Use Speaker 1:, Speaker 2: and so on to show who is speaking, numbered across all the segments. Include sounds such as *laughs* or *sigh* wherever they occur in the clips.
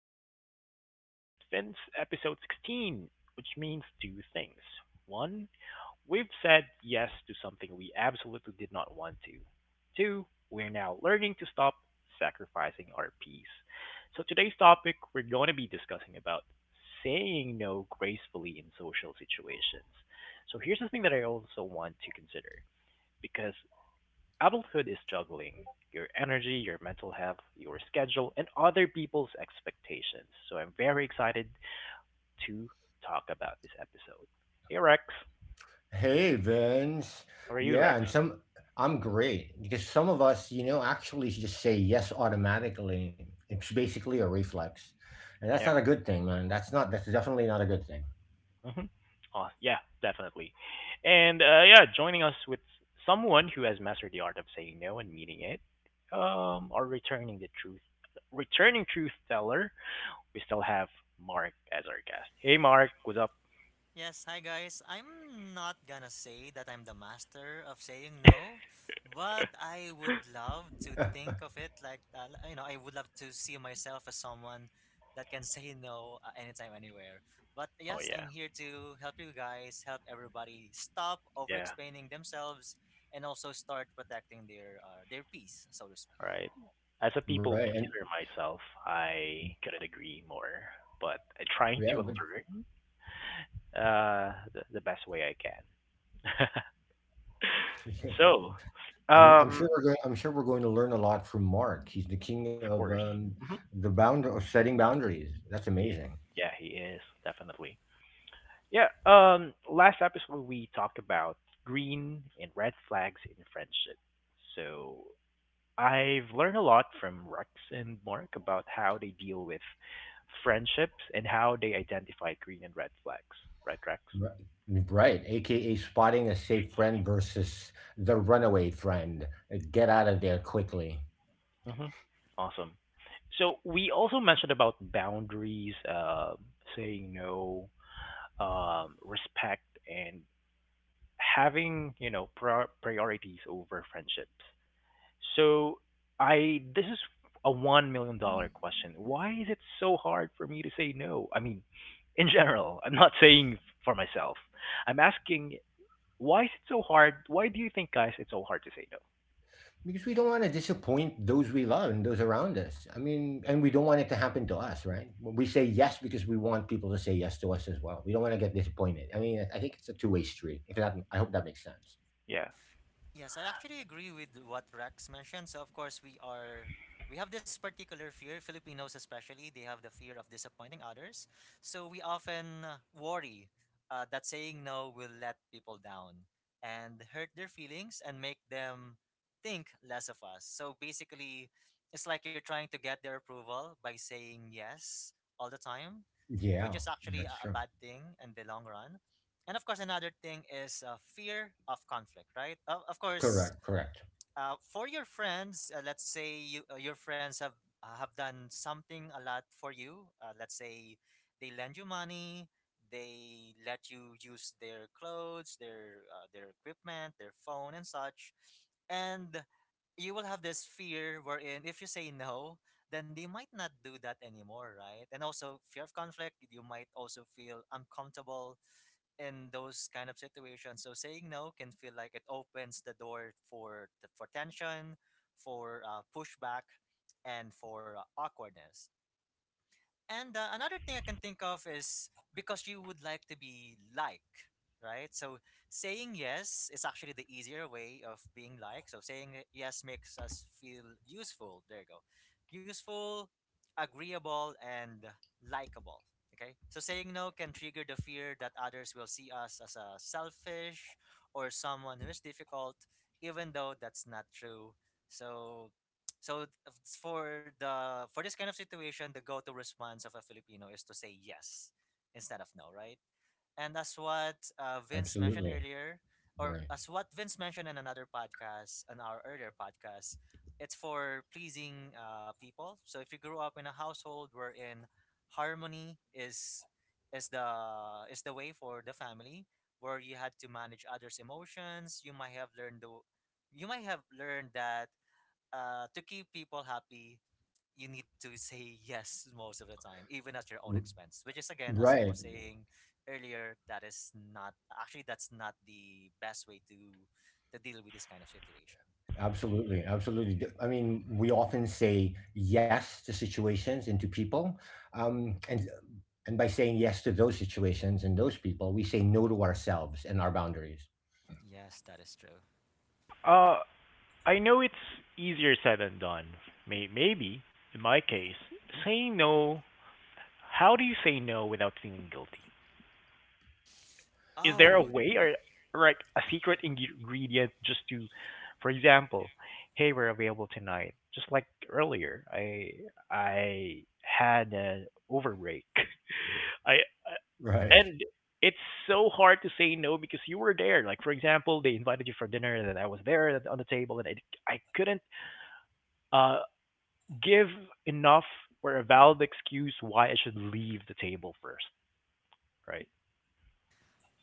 Speaker 1: back to The Art of Adulting with Vince, episode 16, which means two things. One, we've said yes to something we absolutely did not want to. Two, we're now learning to stop sacrificing our peace. So today's topic, we're going to be discussing about saying no gracefully in social situations. So here's the thing that I also want to consider because adulthood is juggling your energy, your mental health, your schedule, and other people's expectations. So I'm very excited to talk about this episode. Hey Rex,
Speaker 2: Hey Vince.
Speaker 1: how are you,
Speaker 2: Yeah,
Speaker 1: Rex?
Speaker 2: and some I'm great because some of us, you know, actually just say yes automatically. It's basically a reflex. And that's not
Speaker 1: Yeah.
Speaker 2: a good thing, man. That's definitely not a good thing.
Speaker 1: Hmm. Oh, yeah, definitely. Joining us with someone who has mastered the art of saying no and meaning it, or returning the truth, returning truth teller. We still have Mark as our guest. Hey Mark, what's up?
Speaker 3: Yes, hi guys. I'm not gonna say that I'm the master of saying no, but I would love to think of it like I would love to see myself as someone that can *laughs* say no anytime anywhere. But
Speaker 1: Oh
Speaker 3: yes,
Speaker 1: yeah,
Speaker 3: I'm here to help you guys, help everybody stop
Speaker 1: yeah.
Speaker 3: over-explaining themselves and also start protecting their peace, so to speak.
Speaker 1: All right? As a people
Speaker 2: Right. And
Speaker 1: pleaser myself, I couldn't agree more. But I'm trying
Speaker 2: yeah,
Speaker 1: to
Speaker 2: but
Speaker 1: learn the best way I can. *laughs*
Speaker 2: *laughs*
Speaker 3: Mhm.
Speaker 1: so,
Speaker 2: and I'm
Speaker 1: um,
Speaker 2: sure we're going I'm sure we're going to learn a lot from Mark. He's the king
Speaker 1: of
Speaker 2: of
Speaker 1: course. Mhm.
Speaker 2: the bound of setting boundaries. That's
Speaker 1: he,
Speaker 2: amazing.
Speaker 1: yeah, he is definitely. Yeah. Last episode we talked about green and red flags in friendship. So I've learned a lot from Rex and Mark about how they deal with friendships and how they identify green and red flags. Right, Rex?
Speaker 2: Right. Right, aka spotting a safe friend versus the runaway friend. Get out of there quickly.
Speaker 1: Hmm. Awesome. So we also mentioned about boundaries, saying no,
Speaker 3: Mhm.
Speaker 1: respect, and having you know priorities over friendships. So I this is a $1 million question. Why is it so hard for me to say no? I mean, in general, I'm not *laughs* saying for myself. I'm asking why is it so hard? Why do you think, guys, it's so hard to say no?
Speaker 2: Because we don't want to disappoint those we love and those around us. I mean, and we don't want it to happen to us, right? We say yes because we want people to say yes to us as well. We don't want to get disappointed. I mean, I think it's a two-way street. If that, I hope that makes sense.
Speaker 1: Yeah.
Speaker 3: Yes, I actually agree with what Rex mentioned. So of course we have this particular fear, Filipinos especially, they have the fear of disappointing others. So we often worry that saying no will let people down and hurt their feelings and make them think less of us. So basically it's like you're trying to get their approval by saying yes all the time, which
Speaker 2: Yeah,
Speaker 3: is actually
Speaker 2: that's
Speaker 3: a
Speaker 2: true.
Speaker 3: bad thing in the long run. And of course, another thing is fear of conflict, right? Of course,
Speaker 2: Correct, correct.
Speaker 3: for your friends, let's say you, your friends have done something a lot for you. Let's say they lend you money, they let you use their clothes, their equipment, their phone, and such. And you will have this fear wherein if you say no, then they might not do that anymore, right? And also fear of conflict, you might also feel uncomfortable in those kind of situations. So saying no can feel like it opens the door for tension, for pushback, and for awkwardness. And another thing I can think of is because you would like to be like, right? So saying yes is actually the easier way of being like. So saying yes makes us feel useful. There you go. Useful, agreeable, and likable. Okay. So saying no can trigger the fear that others will see us as a selfish or someone who is difficult, even though that's not true. So so for this kind of situation, the go-to response of a Filipino is to say yes instead of no, right? And that's what Vince mentioned
Speaker 2: Absolutely.
Speaker 3: earlier, or
Speaker 2: Right.
Speaker 3: as what Vince mentioned in another podcast, on our earlier podcast, it's for pleasing people. So if you grew up in a household wherein harmony is is the the way for the family, where you had to manage others' emotions, you might have learned that to keep people happy, you need to say yes most of the time, even at your
Speaker 2: R-
Speaker 3: own expense. Which is again, as I
Speaker 2: Right.
Speaker 3: was saying earlier, that is not actually that's not the best way to deal with this kind of situation.
Speaker 2: Absolutely. Absolutely. I mean, we often say yes to situations and to people. Um, and and by saying yes to those situations and those people, we say no to ourselves and our boundaries.
Speaker 3: Yes, that is true.
Speaker 1: Uh, I know it's easier said than done. Maybe, in my case, saying no, how do you say no without feeling guilty? Is there a
Speaker 3: Oh,
Speaker 1: way, or like a secret ingredient just to, for example, hey, we're available tonight. Just like earlier, I had an overbreak. *laughs* I
Speaker 2: Right.
Speaker 1: and it's so hard to say no because you were there. Like for example, they invited you for dinner and then I was there on the table and I couldn't uh give enough or a valid excuse why I should leave the table first, right?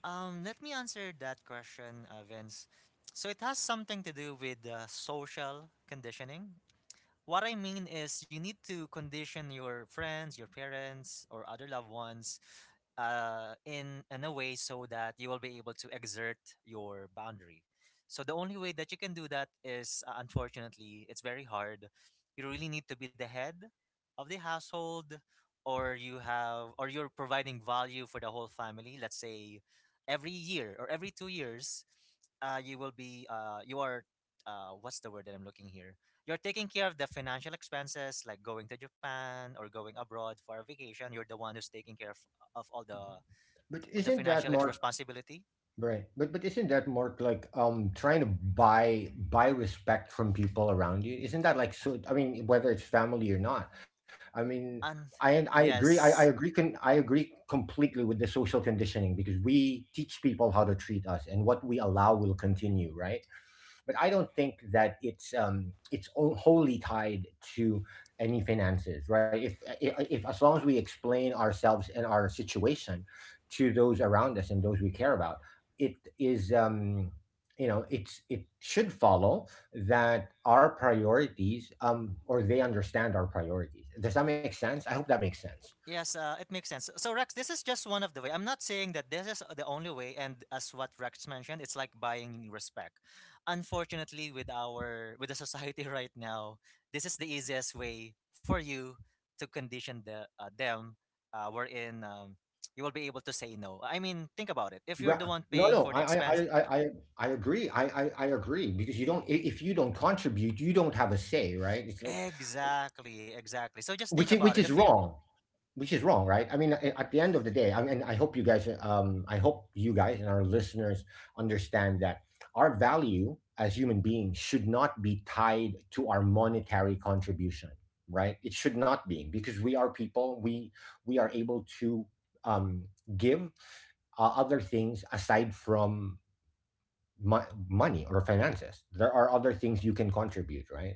Speaker 3: let me answer that question, Vince. So it has something to do with social conditioning. What I mean is, you need to condition your friends, your parents, or other loved ones in a way so that you will be able to exert your boundary. So the only way that you can do that is unfortunately it's very hard. You really need to be the head of the household, or you have or you're providing value for the whole family. Let's say every year or every 2 years, you will be you are what's the word that I'm looking here? You're taking care of the financial expenses like going to Japan or going abroad for a vacation. You're the one who's taking care of all the
Speaker 2: But
Speaker 3: of the
Speaker 2: isn't that
Speaker 3: financial ex-
Speaker 2: more
Speaker 3: responsibility.
Speaker 2: right? But isn't that more like trying to buy respect from people around you? Isn't that like so? I mean, whether it's family or not, I mean,
Speaker 3: And
Speaker 2: I agree. I
Speaker 3: yes,
Speaker 2: agree. I agree completely with the social conditioning because we teach people how to treat us, and what we allow will continue, right? But I don't think that it's wholly tied to any finances, right? If as long as we explain ourselves and our situation to those around us and those we care about, it is you know it's it should follow that our priorities or they understand our priorities. Does that make sense? I hope that makes sense.
Speaker 3: yes, it makes sense. So Rex, this is just one of the way. I'm not saying that this is the only way. And as what Rex mentioned, it's like buying respect. Unfortunately, with our with the society *laughs* right now, this is the easiest way for you to condition the them. Wherein you will be able to say no. I mean, think about it. If you're the one
Speaker 2: No,
Speaker 3: paying
Speaker 2: no,
Speaker 3: for the
Speaker 2: I, I, I,
Speaker 3: expense,
Speaker 2: I, I I agree. I agree because you don't. If you don't contribute, you don't have a say, right? It's like
Speaker 3: exactly, exactly. So just think
Speaker 2: which
Speaker 3: about
Speaker 2: is
Speaker 3: it. If you
Speaker 2: wrong, right? I mean, at the end of the day, I mean, I hope you guys and our listeners understand that our value as human beings should not be tied to our monetary contribution, right? It should not be, because we are people. We are able to um give other things aside from money or finances. There are other things you can contribute, right?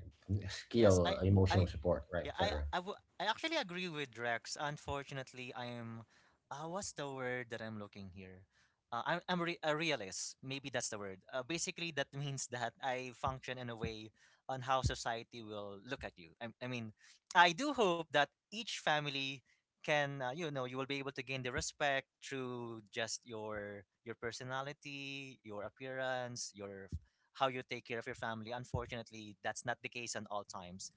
Speaker 3: yes,
Speaker 2: Skill, emotional
Speaker 3: I
Speaker 2: support, right,
Speaker 3: yeah,
Speaker 2: etc.
Speaker 3: I actually agree with Rex. Unfortunately, I am. What's the word that I'm looking here? I'm a realist. Maybe that's the word. Basically, that *laughs* means that I function in a way on how society will look at you. I mean, I do hope that each family can, you will be able to gain the respect through just your personality, your appearance, your how you take care of your family. Unfortunately, that's not the case at all times.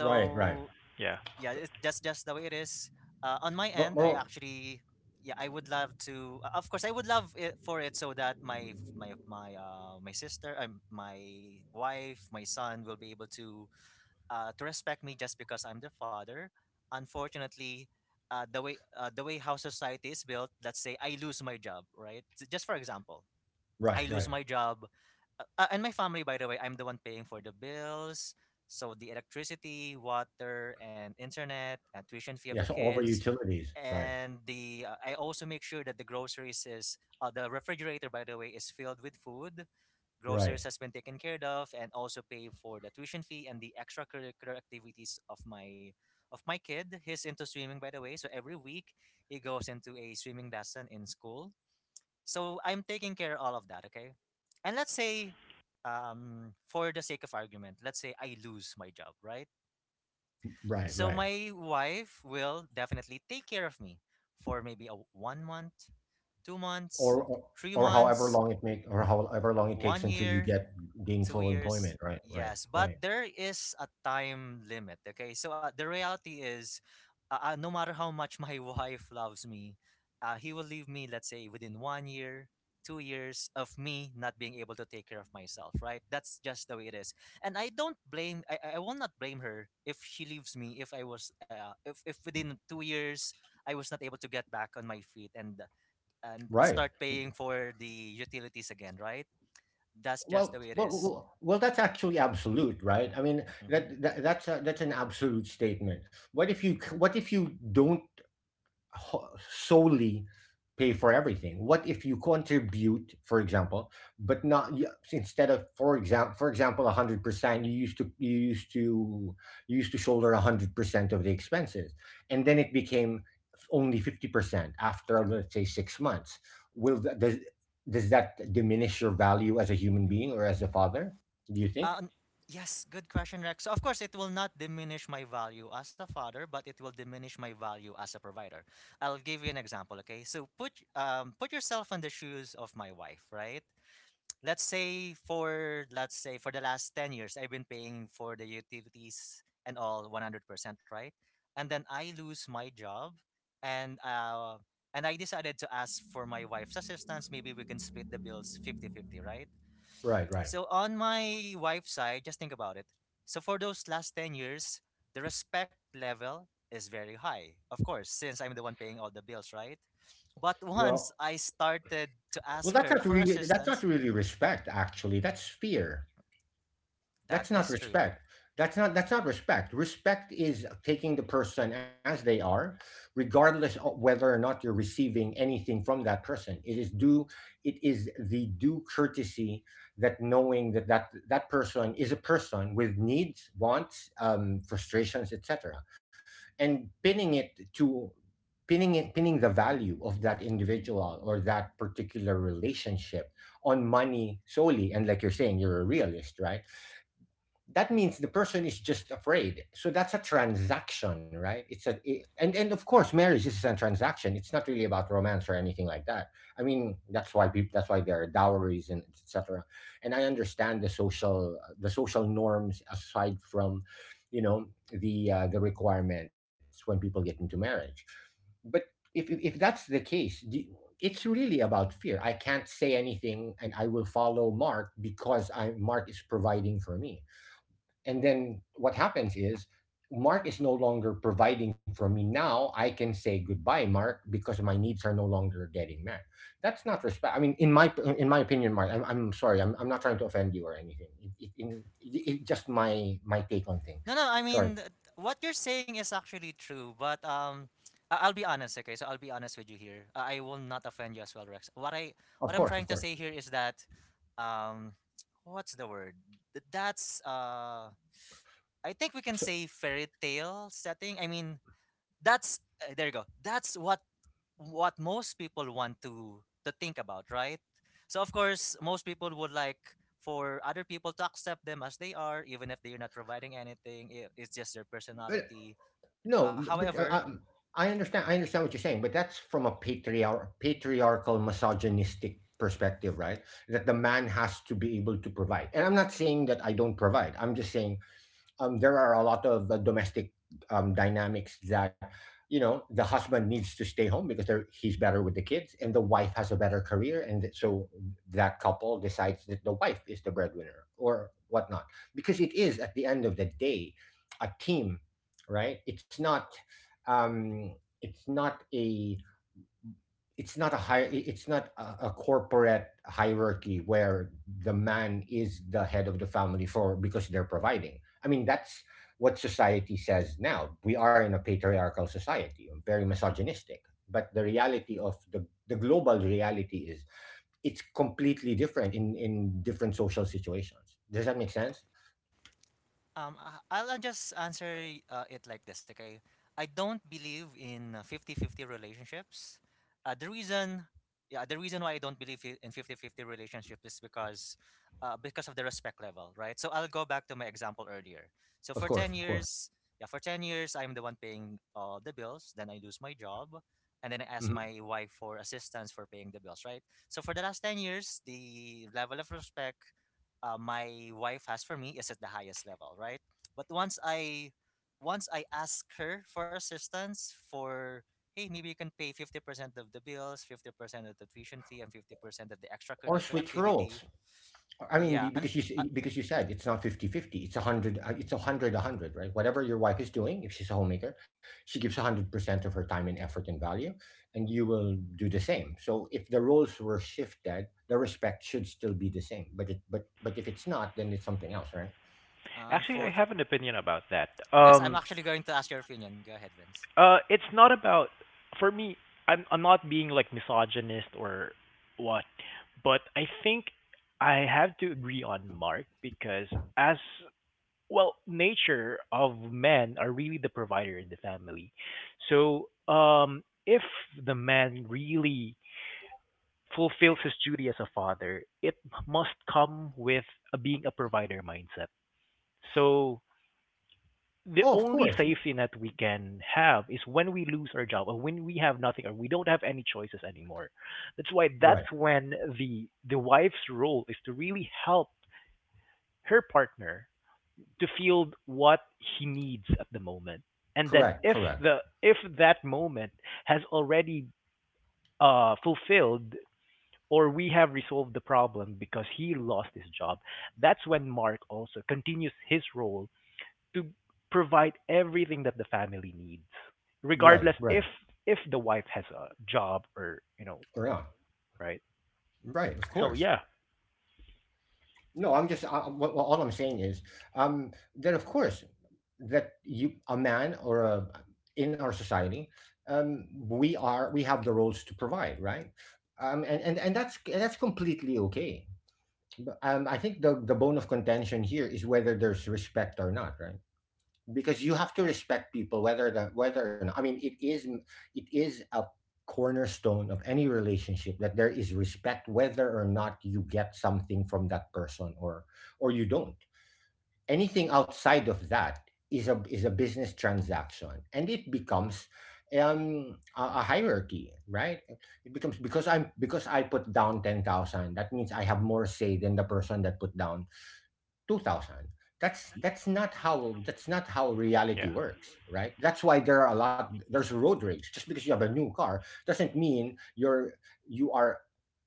Speaker 2: Right, right.
Speaker 1: Yeah.
Speaker 3: yeah, it's just the way it is. On my
Speaker 2: But
Speaker 3: end, I
Speaker 2: well,
Speaker 3: actually, yeah, I would love to, of course, I would love it for it so that my sister, my wife, my son will be able to respect me just because I'm their father. Unfortunately, the way how society is built, let's say I lose my job, right? So just for example, I
Speaker 2: right,
Speaker 3: lose
Speaker 2: right.
Speaker 3: my job. And my family, by the way, I'm the one paying for the bills. So the electricity, water, and internet, and tuition fee of the
Speaker 2: Yes, all the
Speaker 3: kids,
Speaker 2: utilities. Right,
Speaker 3: and the I also make sure that the groceries is the refrigerator, by the way, is filled with food. Groceries
Speaker 2: right,
Speaker 3: has been taken care of, and also pay for the tuition fee and the extracurricular activities of my kid. He's into swimming, by the way. So every week he goes into a swimming lesson in school, so I'm taking care all of that, okay? And let's say, for the sake of argument, let's say I lose my job, right?
Speaker 2: right,
Speaker 3: So
Speaker 2: right.
Speaker 3: my wife will definitely take care of me for maybe a 1 month, 2 months,
Speaker 2: Or
Speaker 3: 3
Speaker 2: or however
Speaker 3: months,
Speaker 2: long it make or however long it takes
Speaker 3: 1
Speaker 2: until you
Speaker 3: year,
Speaker 2: get
Speaker 3: Two
Speaker 2: gainful
Speaker 3: years,
Speaker 2: employment. Right, right,
Speaker 3: yes, but
Speaker 2: right,
Speaker 3: there is a time limit. Okay, so the reality is, no matter how much my *laughs* wife loves me, he will leave me. Let's say within 1 year, 2 years of me not being able to take care of myself. Right? That's just the way it is, and I don't blame. I will not blame her if she leaves me. If I was, if within 2 years I was not able to get back on my feet and
Speaker 2: right.
Speaker 3: start paying for the utilities again. Right? That's just the
Speaker 2: Well,
Speaker 3: way it
Speaker 2: well,
Speaker 3: is.
Speaker 2: well, well, that's actually absolute, right? I mean,
Speaker 3: Mm-hmm.
Speaker 2: that's a, that's an absolute statement. What if you what if you don't solely pay for everything? What if you contribute, for example, but not instead of for example 100% you used to you used to shoulder 100% of the expenses, and then it became only 50% after, let's say, 6 months? Will does that diminish your value as a human being or as a father, do you think?
Speaker 3: Uh, n- yes, good question, Rex. So, of course, it will not diminish my value as a father, but it will diminish my value as a provider. I'll give you an example, okay? So, put put yourself in the shoes of my wife, right? Let's say for the last 10 years I've been paying for the utilities and all 100%, right? And then I lose my job, and uh and I decided to ask for my wife's assistance. Maybe we can split the bills fifty fifty, right?
Speaker 2: Right, right.
Speaker 3: So on my wife's side, just think about it. So for those last 10 years, the respect level is very high, of course, since I'm the one paying all the bills, right? But once
Speaker 2: Well,
Speaker 3: I started to
Speaker 2: well,
Speaker 3: ask
Speaker 2: that's
Speaker 3: her
Speaker 2: not
Speaker 3: for
Speaker 2: really
Speaker 3: assistance.
Speaker 2: respect, actually. That's fear.
Speaker 3: That
Speaker 2: That's not
Speaker 3: is true.
Speaker 2: respect. That's not respect. Respect is taking the person as they are, regardless of whether or not you're receiving anything from that person. It is due, it is the due courtesy that knowing that that person is a person with needs, wants, frustrations, etc, and pinning it to pinning the value of that individual or that particular relationship on money solely. And like you're saying, you're a realist, right? That means the person is just afraid. So that's a transaction, right? And of course, marriage is a transaction. It's not really about romance or anything like that. I mean, that's why people, that's why there are dowries and etc. And I understand the social, norms aside from, you know, the requirements when people get into marriage. But if if that's the case, it's really about fear. I can't say anything and I will follow Mark because I Mark is providing for me. And then what happens is Mark is no longer providing for me. Now I can say goodbye, Mark, because my needs are no longer getting met. That's not respect. I mean, in my opinion, Mark, I'm sorry. I'm not trying to offend you or anything. It just my take on things.
Speaker 3: No, no, I
Speaker 2: Sorry.
Speaker 3: mean, what you're saying is actually true, but I'll be honest, okay? So I'll be honest with you here. I will not offend you as well, Rex. What
Speaker 2: Of
Speaker 3: I'm
Speaker 2: course,
Speaker 3: trying
Speaker 2: of
Speaker 3: to
Speaker 2: course.
Speaker 3: say here is that, um, what's the word? That's I think we can
Speaker 2: So,
Speaker 3: say fairy tale setting. I mean, that's there you go. That's what most people want to think about, right? So of course, most people would like for other people to accept them as they are, even if they're not providing anything. It's just their
Speaker 2: but
Speaker 3: personality.
Speaker 2: No, but
Speaker 3: However,
Speaker 2: I understand. I understand what you're saying, but that's from a patriarchal, misogynistic perspective, right? That the man has to be able to provide. And I'm not saying that I don't provide. I'm just saying there are a lot of domestic dynamics that, you know, the husband needs to stay home because he's better with the kids and the wife has a better career. And so that couple decides that the wife is the breadwinner or whatnot, because it is, at the end of the day, a team, right? It's not um, it's not a it's not a high it's not a corporate hierarchy where the man is the head of the family for because they're providing. I mean, that's what society says. Now we are in a patriarchal society, very misogynistic, but the reality of the global reality is it's completely different in different social situations. Does that make sense?
Speaker 3: I'll just answer it like this, okay? I don't believe in 50 fifty relationships. Uh, the reason, yeah, the reason why I don't believe in fifty-fifty 50 relationships is because of the respect level, right? So I'll go back to my example earlier. So
Speaker 2: Of
Speaker 3: for
Speaker 2: course,
Speaker 3: 10
Speaker 2: of course.
Speaker 3: years, yeah, for 10 years, I'm the one paying the bills. Then I lose my job. And then I ask
Speaker 2: Mhm.
Speaker 3: my wife for assistance for paying the bills, right? So for the last 10 years, the level of respect my wife has for me is at the highest level, right? But once I ask her for assistance for hey maybe you can pay 50% of the bills, 50% of the tuition fee, and 50% of the
Speaker 2: Or
Speaker 3: extracurricular
Speaker 2: switch
Speaker 3: activity.
Speaker 2: roles. I mean,
Speaker 3: Yeah. And
Speaker 2: because
Speaker 3: uh,
Speaker 2: because you said it's not 50 50. It's a 100, it's 100 A 100, right? Whatever your wife is doing, if she's a homemaker, she gives 100% of her time and effort and value, and you will do the same. So if the roles were shifted, the respect should still be the same. But if it's not, then it's something else, right?
Speaker 1: Actually, I have an
Speaker 3: unfortunately,
Speaker 1: opinion about that.
Speaker 3: yes, I'm
Speaker 1: Um
Speaker 3: actually going to ask your opinion. Go ahead, Vince.
Speaker 1: It's not about for me. I'm not being like misogynist or what, but I think I have to agree on Mark because as well, nature of men are really the provider in the family. So if the man really fulfills his duty as a father, it must come with a, being a provider mindset. So the
Speaker 2: Oh, of
Speaker 1: only
Speaker 2: course.
Speaker 1: safety net we can have is when we lose our job or when we have nothing or we don't have any choices anymore. That's why
Speaker 2: Right.
Speaker 1: that's when the wife's role is to really help her partner to field what he needs at the moment. And then
Speaker 2: Correct,
Speaker 1: if
Speaker 2: correct.
Speaker 1: the if that moment has already fulfilled or we have resolved the problem because he lost his job, that's when Mark also continues his role to provide everything that the family needs
Speaker 2: Right,
Speaker 1: regardless
Speaker 2: right,
Speaker 1: if the wife has a job or you know
Speaker 2: or not.
Speaker 1: right
Speaker 2: Right, of
Speaker 1: so
Speaker 2: course.
Speaker 1: yeah.
Speaker 2: No, I'm just. Well, all I'm saying is, um, that of course, that you, a man in our society, we are we have the roles to provide, right? And, and that's completely okay. But, I think the bone of contention here is whether there's respect or not, right? Because you have to respect people whether the whether or not. I mean, it is, it is a cornerstone of any relationship that there is respect whether or not you get something from that person, or you don't. Anything outside of that is a business transaction, and it becomes a hierarchy, right? It becomes, because I'm because I put down 10,000, that means I have more say than the person that put down 2000. That's that's not how
Speaker 1: Yeah.
Speaker 2: reality works, right? That's why there are a lot, there's road rage. Just because you have a new car doesn't mean you are,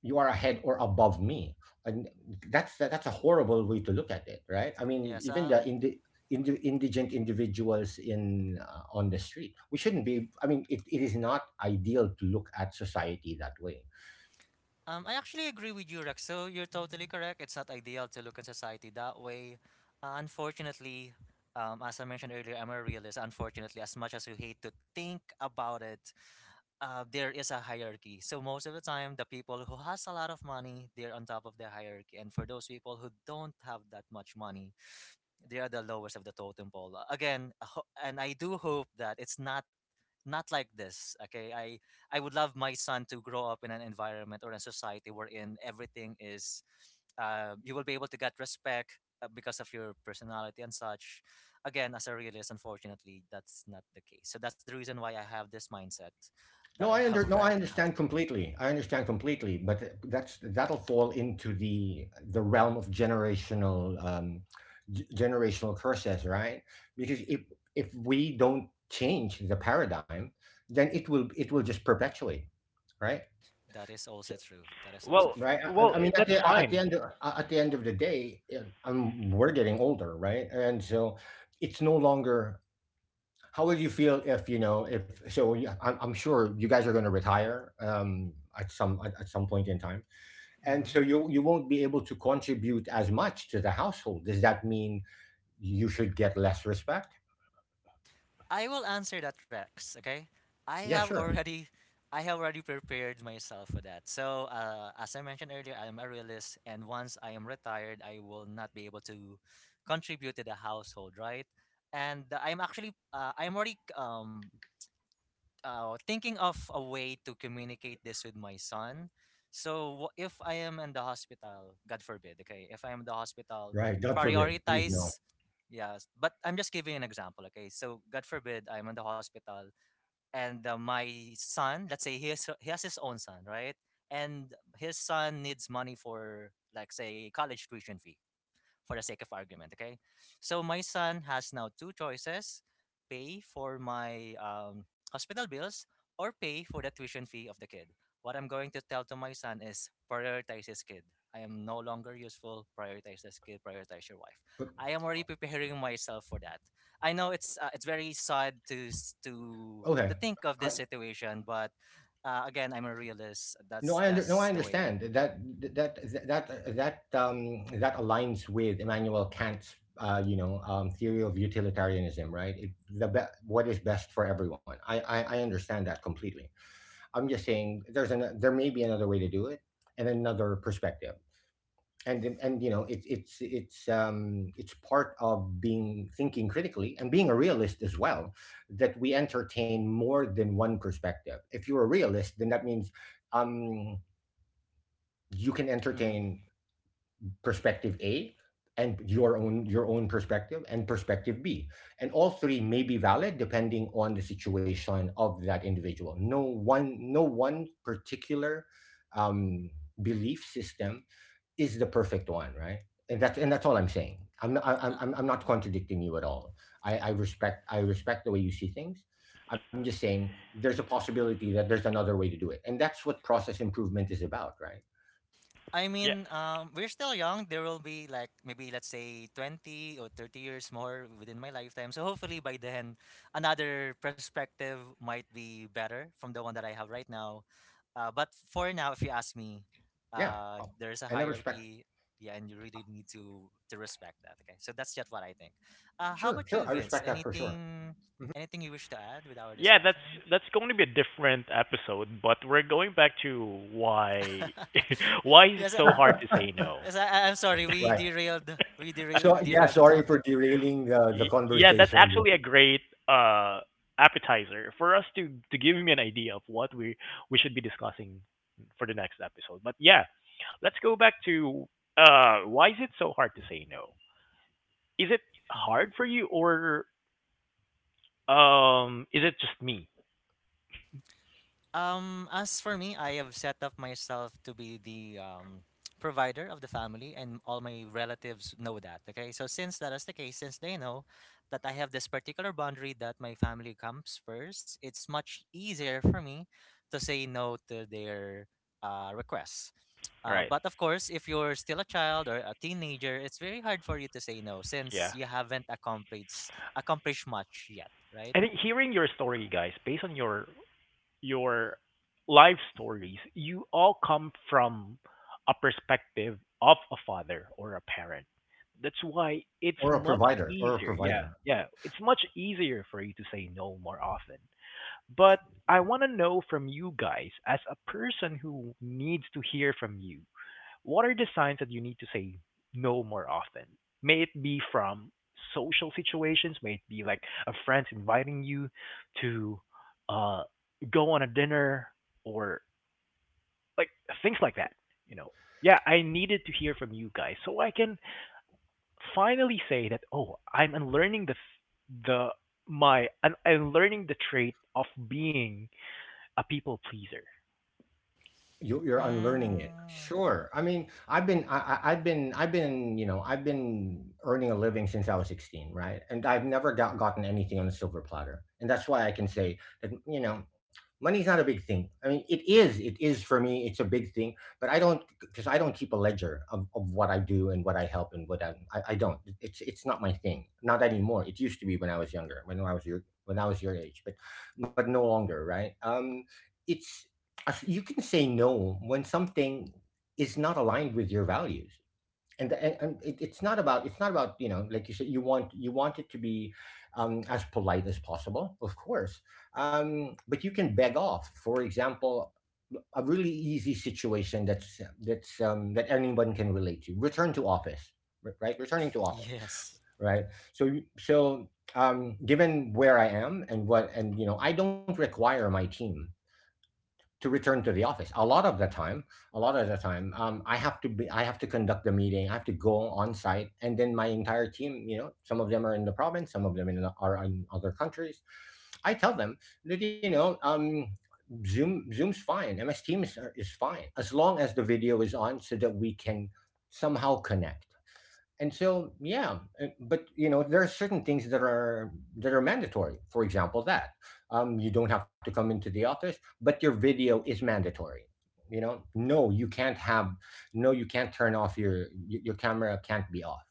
Speaker 2: ahead or above me. And that's a horrible way to look at it, right? I mean,
Speaker 3: Yes.
Speaker 2: even the indigent individuals in on the street, we shouldn't be. I mean, it is not ideal to look at society that way.
Speaker 3: I actually agree with you, Rex. So you're totally correct. It's not ideal to look at society that way. Unfortunately, as I mentioned earlier, I'm a realist. Unfortunately, as much as you hate to think about it, there is a hierarchy. So most of the time, the people who has a lot of money, they're on top of the hierarchy, and for those people who don't have that much money, they are the lowest of the totem pole. And I do hope that it's not like this. Okay, I would love my son to grow up in an environment or a society wherein everything is you will be able to get respect because of your personality and such. Again, as a realist, unfortunately that's not the case, so that's the reason why I have this mindset that I have *laughs*
Speaker 2: No,
Speaker 3: right
Speaker 2: I
Speaker 3: now.
Speaker 2: understand completely. I understand completely, but that's, that'll fall into the realm of generational generational curses, right? Because if we don't change the paradigm, then it will, just perpetuate, right?
Speaker 3: That is
Speaker 2: So-
Speaker 3: also true, that is also
Speaker 1: well
Speaker 2: right.
Speaker 3: true.
Speaker 2: I I mean, at
Speaker 1: that's
Speaker 2: the
Speaker 1: fine.
Speaker 2: at the end of the day, yeah, we're getting older, right? And so it's no longer, how would you feel if, you know, if so? You- I'm sure you guys are going to retire at some at some point in time, and
Speaker 3: Hmm.
Speaker 2: so you won't be able to contribute as much to the household. Does that mean you should get less respect?
Speaker 3: I will answer that, Rex. Okay, I
Speaker 2: Yeah,
Speaker 3: have
Speaker 2: sure.
Speaker 3: already, I have already prepared myself for that. So, as I mentioned earlier, I am a realist, and once I am retired, I will not be able to contribute to the household, right? And I'm actually, I'm already thinking of a way to communicate this with my son. So if I am in the hospital, God forbid, okay, if I am in the hospital,
Speaker 2: Right. God forbid. Please no.
Speaker 3: prioritize. Yes, but I'm just giving an example, okay? So God forbid I'm in the hospital and my son, let's say he has his own son, right? And his son needs money for like say college tuition fee for the sake of argument, okay? So my son has now two choices: pay for my hospital bills or pay for the tuition fee of the kid. What I'm going to tell to my son is prioritize his kid. I am no longer useful. Prioritize this kid. Prioritize your wife.
Speaker 2: But-
Speaker 3: I am already *laughs* preparing myself for that. I know it's very sad to s- to
Speaker 2: Okay.
Speaker 3: think of
Speaker 2: I,
Speaker 3: this situation, but again, I'm a realist.
Speaker 2: no,
Speaker 3: That's
Speaker 2: I under, no, I
Speaker 3: just the way.
Speaker 2: understand that that that that aligns with Immanuel Kant's you know theory of utilitarianism, right? The what is best for everyone. I I understand that completely. I'm just saying there's an, there may be another way to do it and another perspective. And you know, it's part of being thinking critically and being a realist as well, that we entertain more than one perspective. If you're a realist, then that means um you can
Speaker 3: Mhm.
Speaker 2: entertain perspective A and your own perspective and perspective B. And all three may be valid depending on the situation of that individual. No one particular um, belief system is the perfect one, right? And that's all I'm saying. I'm not contradicting you at all. I respect the way you see things. I'm just saying there's a possibility that there's another way to do it. And that's what process improvement is about, right?
Speaker 3: I
Speaker 1: Yeah,
Speaker 3: mean, we're still young. There will be like maybe let's say 20 or 30 years more within my lifetime. So hopefully by then, another perspective might be better from the one that I have right now. But for now, if you ask me,
Speaker 2: Yeah. Oh,
Speaker 3: there's a
Speaker 2: and I respect.
Speaker 3: hierarchy. Yeah, and you really need to respect that. Okay, so that's just what I think. How
Speaker 2: Sure,
Speaker 3: about
Speaker 2: sure.
Speaker 3: you,
Speaker 2: I
Speaker 3: Vince?
Speaker 2: respect that for sure.
Speaker 3: Anything,
Speaker 2: Mhm.
Speaker 3: anything you wish to add with our
Speaker 1: yeah, that's
Speaker 3: discussion?
Speaker 1: that's going to be a different episode, but we're going back to why *laughs*
Speaker 3: *laughs*
Speaker 1: why is it
Speaker 3: yes, uh,
Speaker 1: so hard to say no?
Speaker 3: Yes, I'm sorry. We
Speaker 2: Right.
Speaker 3: derailed. We derail,
Speaker 2: So yeah,
Speaker 3: derailed the
Speaker 2: sorry for
Speaker 3: topic.
Speaker 2: derailing the
Speaker 1: Yeah, that's
Speaker 2: conversation.
Speaker 1: actually a great uh appetizer for us to give me an idea of what we should be discussing for the next episode. But yeah, let's go back to why is it so hard to say no? Is it
Speaker 3: Hmm.
Speaker 1: hard for you, or is it just me?
Speaker 3: As for me, I have set up myself to be the provider of the family, and all my relatives know that. Okay, so since that is the case, since they know that I have this particular boundary that my family comes first, it's much easier for me to say no to their requests.
Speaker 1: Right.
Speaker 3: But of course, if you're still a child or a teenager, it's very hard for you to say no since
Speaker 1: Yeah.
Speaker 3: you haven't accomplished much yet, right?
Speaker 1: And then hearing your story, guys, based on your your life stories, you all come from a perspective of a father or a parent. That's why it's
Speaker 2: Or a
Speaker 1: much
Speaker 2: provider, or a
Speaker 1: easier. Yeah,
Speaker 2: provider.
Speaker 1: yeah. It's much easier for you to say no more often. But I want to know from you guys, as a person who needs to hear from you, what are the signs that you need to say no more often? May it be from social situations, may it be like a friend's inviting you to uh, go on a dinner or like things like that. You know, yeah, I needed to hear from you guys so I can finally say that oh, I'm unlearning the my I'm learning the trait of being a people pleaser.
Speaker 2: You're unlearning it.
Speaker 3: Mm,
Speaker 2: Sure. I mean, I've been, you know, I've been earning a living since I was 16, right? And I've never gotten anything on a silver platter. And that's why I can say that, you know, money's not a big thing. I mean, it is. It is for me, it's a big thing, but I don't because I don't keep a ledger of what I do and what I help and what I don't. It's not my thing. Not anymore. It used to be when I was younger, when I was your age, but no longer, right? It's as you can say no when something is not aligned with your values and it's not about you know like you said you want it to be as polite as possible, of course. But you can beg off, for example, a really easy situation that anyone can relate to: return to office. Right, returning to office,
Speaker 3: yes.
Speaker 2: right. So so um, given where I am and what and you know, I don't require my team to return to the office. A lot of the time, I have to be, I have to conduct the meeting. I have to go on site, and then my entire team, you know, some of them are in the province, some of them are in other countries. I tell them that you know, Zoom's fine, MS Teams is fine, as long as the video is on, so that we can somehow connect. And so yeah, but you know there are certain things that are mandatory, for example, that you don't have to come into the office, but your video is mandatory. You know, no, you can't have, no, you can't turn off your your camera can't be off.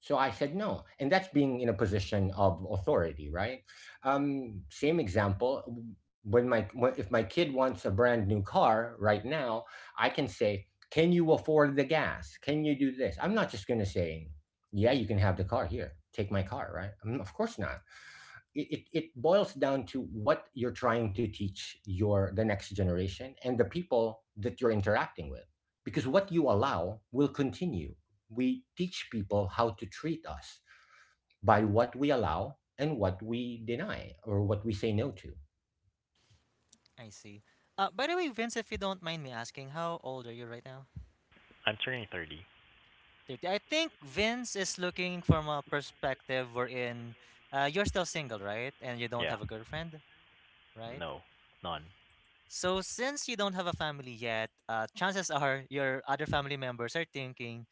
Speaker 2: So I said no. And that's being in a position of authority, right? Same example, if my kid wants a brand new car right now, I can say, "Can you afford the gas? Can you do this?" I'm not just going to say, "Yeah, you can have the car here. Take my car," right? Mm, of course not. It boils down to what you're trying to teach your the next generation and the people that you're interacting with, because what you allow will continue. We teach people how to treat us by what we allow and what we deny or what we say no to,
Speaker 3: I see. By the way, Vince, if you don't mind me asking, how old are you right now?
Speaker 1: I'm turning 30.
Speaker 3: 30. I think Vince is looking from a perspective wherein you're still single, right? And you don't
Speaker 1: Yeah,
Speaker 3: have a girlfriend, right?
Speaker 1: no, none.
Speaker 3: So, since you don't have a family yet, chances are your other family members are thinking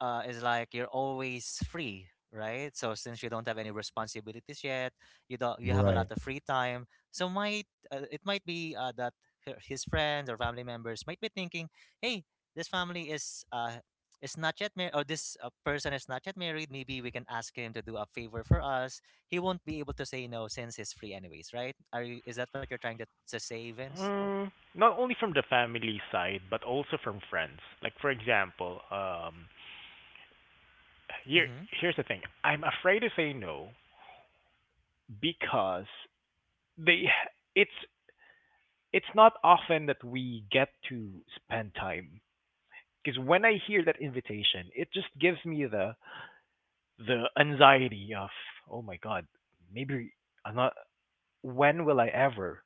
Speaker 3: is like you're always free, right? So since you don't have any responsibilities yet, you don't you have a
Speaker 2: right?
Speaker 3: lot of free time. So might it might be that his friends or family members might be thinking, "Hey, this family is not yet married, or this person is not yet married. Maybe we can ask him to do a favor for us. He won't be able to say no since he's free, anyways, right? Is that what you're trying to say, Vince?"
Speaker 1: Mm, not only from the family side, but also from friends. Like for example, here
Speaker 3: Mm-hmm.
Speaker 1: here's the thing. I'm afraid to say no because they it's it's not often that we get to spend time. Because when I hear that invitation, it just gives me the anxiety of oh my god, maybe I'm not. When will I ever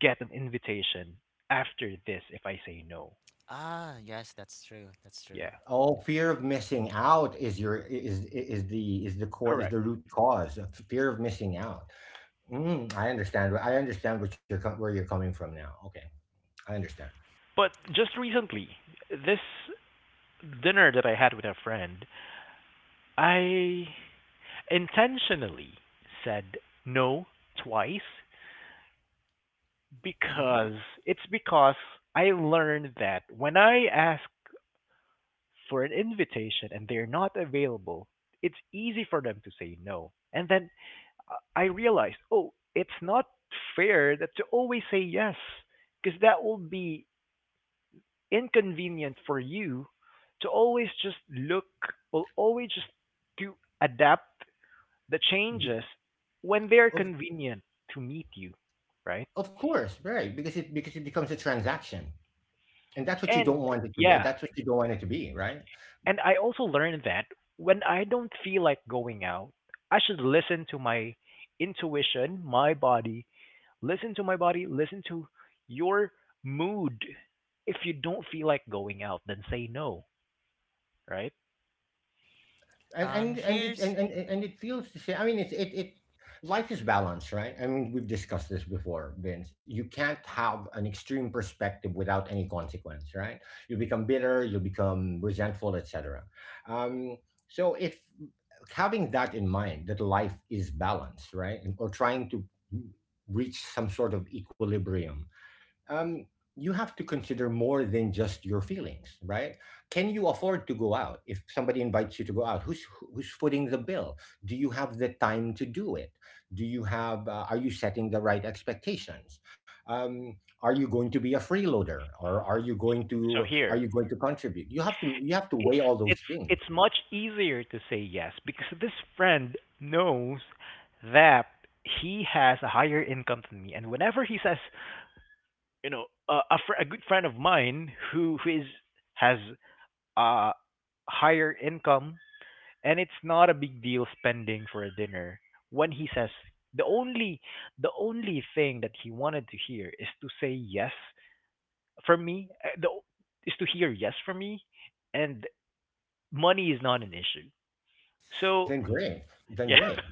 Speaker 1: get an invitation after this if I say no?
Speaker 3: Ah, yes, that's true. That's true.
Speaker 1: Yeah,
Speaker 2: Oh, fear of missing out is your is the core, is
Speaker 1: correct.
Speaker 2: the root cause, of fear of missing out. Mm, I understand what you're where you're coming from now. Okay, I understand.
Speaker 1: But just recently, this dinner that I had with a friend, I intentionally said no twice
Speaker 3: Mm-hmm.
Speaker 1: because it's because I learned that when I ask for an invitation and they're not available, it's easy for them to say no. And then I realized, oh, it's not fair that to always say yes because that will be inconvenient for you to always just look or always just to adapt the
Speaker 2: Be-
Speaker 1: changes when they're
Speaker 2: of
Speaker 1: convenient to meet you, right?
Speaker 2: of course, right? Because it becomes a transaction, and that's what you don't
Speaker 1: And
Speaker 2: want it to be.
Speaker 1: yeah,
Speaker 2: That's what you don't want it to be, right?
Speaker 1: and I also learned that when I don't feel like going out, I should listen to my intuition, my body, listen to my body, listen to your mood. If you don't feel like going out, then say no, right?
Speaker 2: And and and it and
Speaker 3: Here's.
Speaker 2: and, and it feels the same. I mean, it's it it life is balance, right? I mean, we've discussed this before, Vince. You can't have an extreme perspective without any consequence, right? You become bitter, you become resentful, etc. Um, so if, having that in mind that life is balanced right, and or trying to reach some sort of equilibrium, um, you have to consider more than just your feelings, right? Can you afford to go out? If somebody invites you to go out, who's footing the bill? Do you have the time to do it? Do you have, are you setting the right expectations? um, are you going to be a freeloader, or are you going
Speaker 1: So
Speaker 2: to
Speaker 1: here,
Speaker 2: contribute? You have to
Speaker 1: it's
Speaker 2: weigh all those
Speaker 1: it's
Speaker 2: things.
Speaker 1: it's much easier to say yes because this friend knows that he has a higher income than me and whenever he says you know a good friend of mine who is has a higher income and it's not a big deal spending for a dinner when he says the only thing that he wanted to hear is to say yes from me is to hear yes from me and money is not an issue. So
Speaker 2: Then great. Then
Speaker 1: yeah,
Speaker 2: great.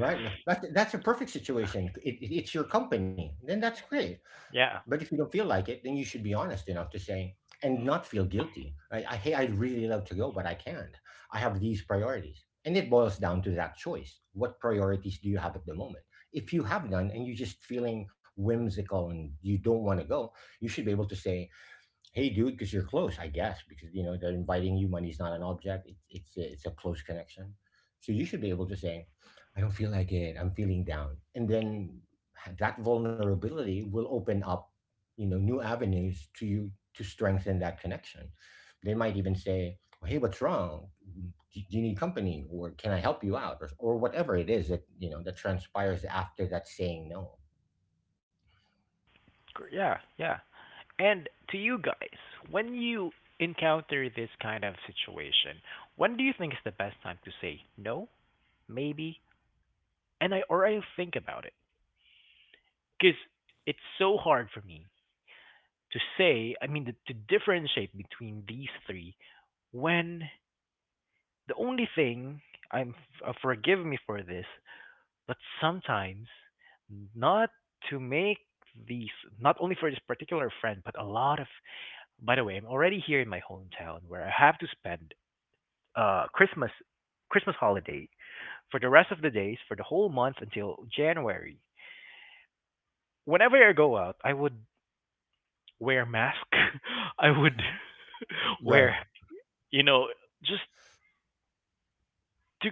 Speaker 2: Right? That's a perfect situation. It's your company. Then that's great.
Speaker 1: *laughs* yeah,
Speaker 2: But if you don't feel like it, then you should be honest enough to say and not feel guilty. Hey, I'd really love to go, but I can't. I have these priorities. And it boils down to that choice. What priorities do you have at the moment? If you have none and you're just feeling whimsical and you don't want to go, you should be able to say, hey, dude, because you're close, I guess, because you know they're inviting you. Money's not an object. It's it's a close connection, so you should be able to say, "I don't feel like it. I'm feeling down," and then that vulnerability will open up, you know, new avenues to you to strengthen that connection. They might even say, "Hey, what's wrong? Do you need company, or can I help you out, or whatever it is that you know that transpires after that saying no."
Speaker 1: yeah, yeah. And to you guys, when you encounter this kind of situation, when do you think is the best time to say no, maybe, and I or I think about it because it's so hard for me to say. I mean, to differentiate between these three when the only thing I'm forgive me for this, but sometimes not to make these not only for this particular friend, but a lot of. By the way, I'm already here in my hometown where I have to spend uh Christmas Christmas holiday for the rest of the days for the whole month until January. Whenever I go out, I would wear mask. *laughs* I would
Speaker 3: Mm-hmm.
Speaker 1: *laughs* wear,
Speaker 2: Right.
Speaker 1: you know, just to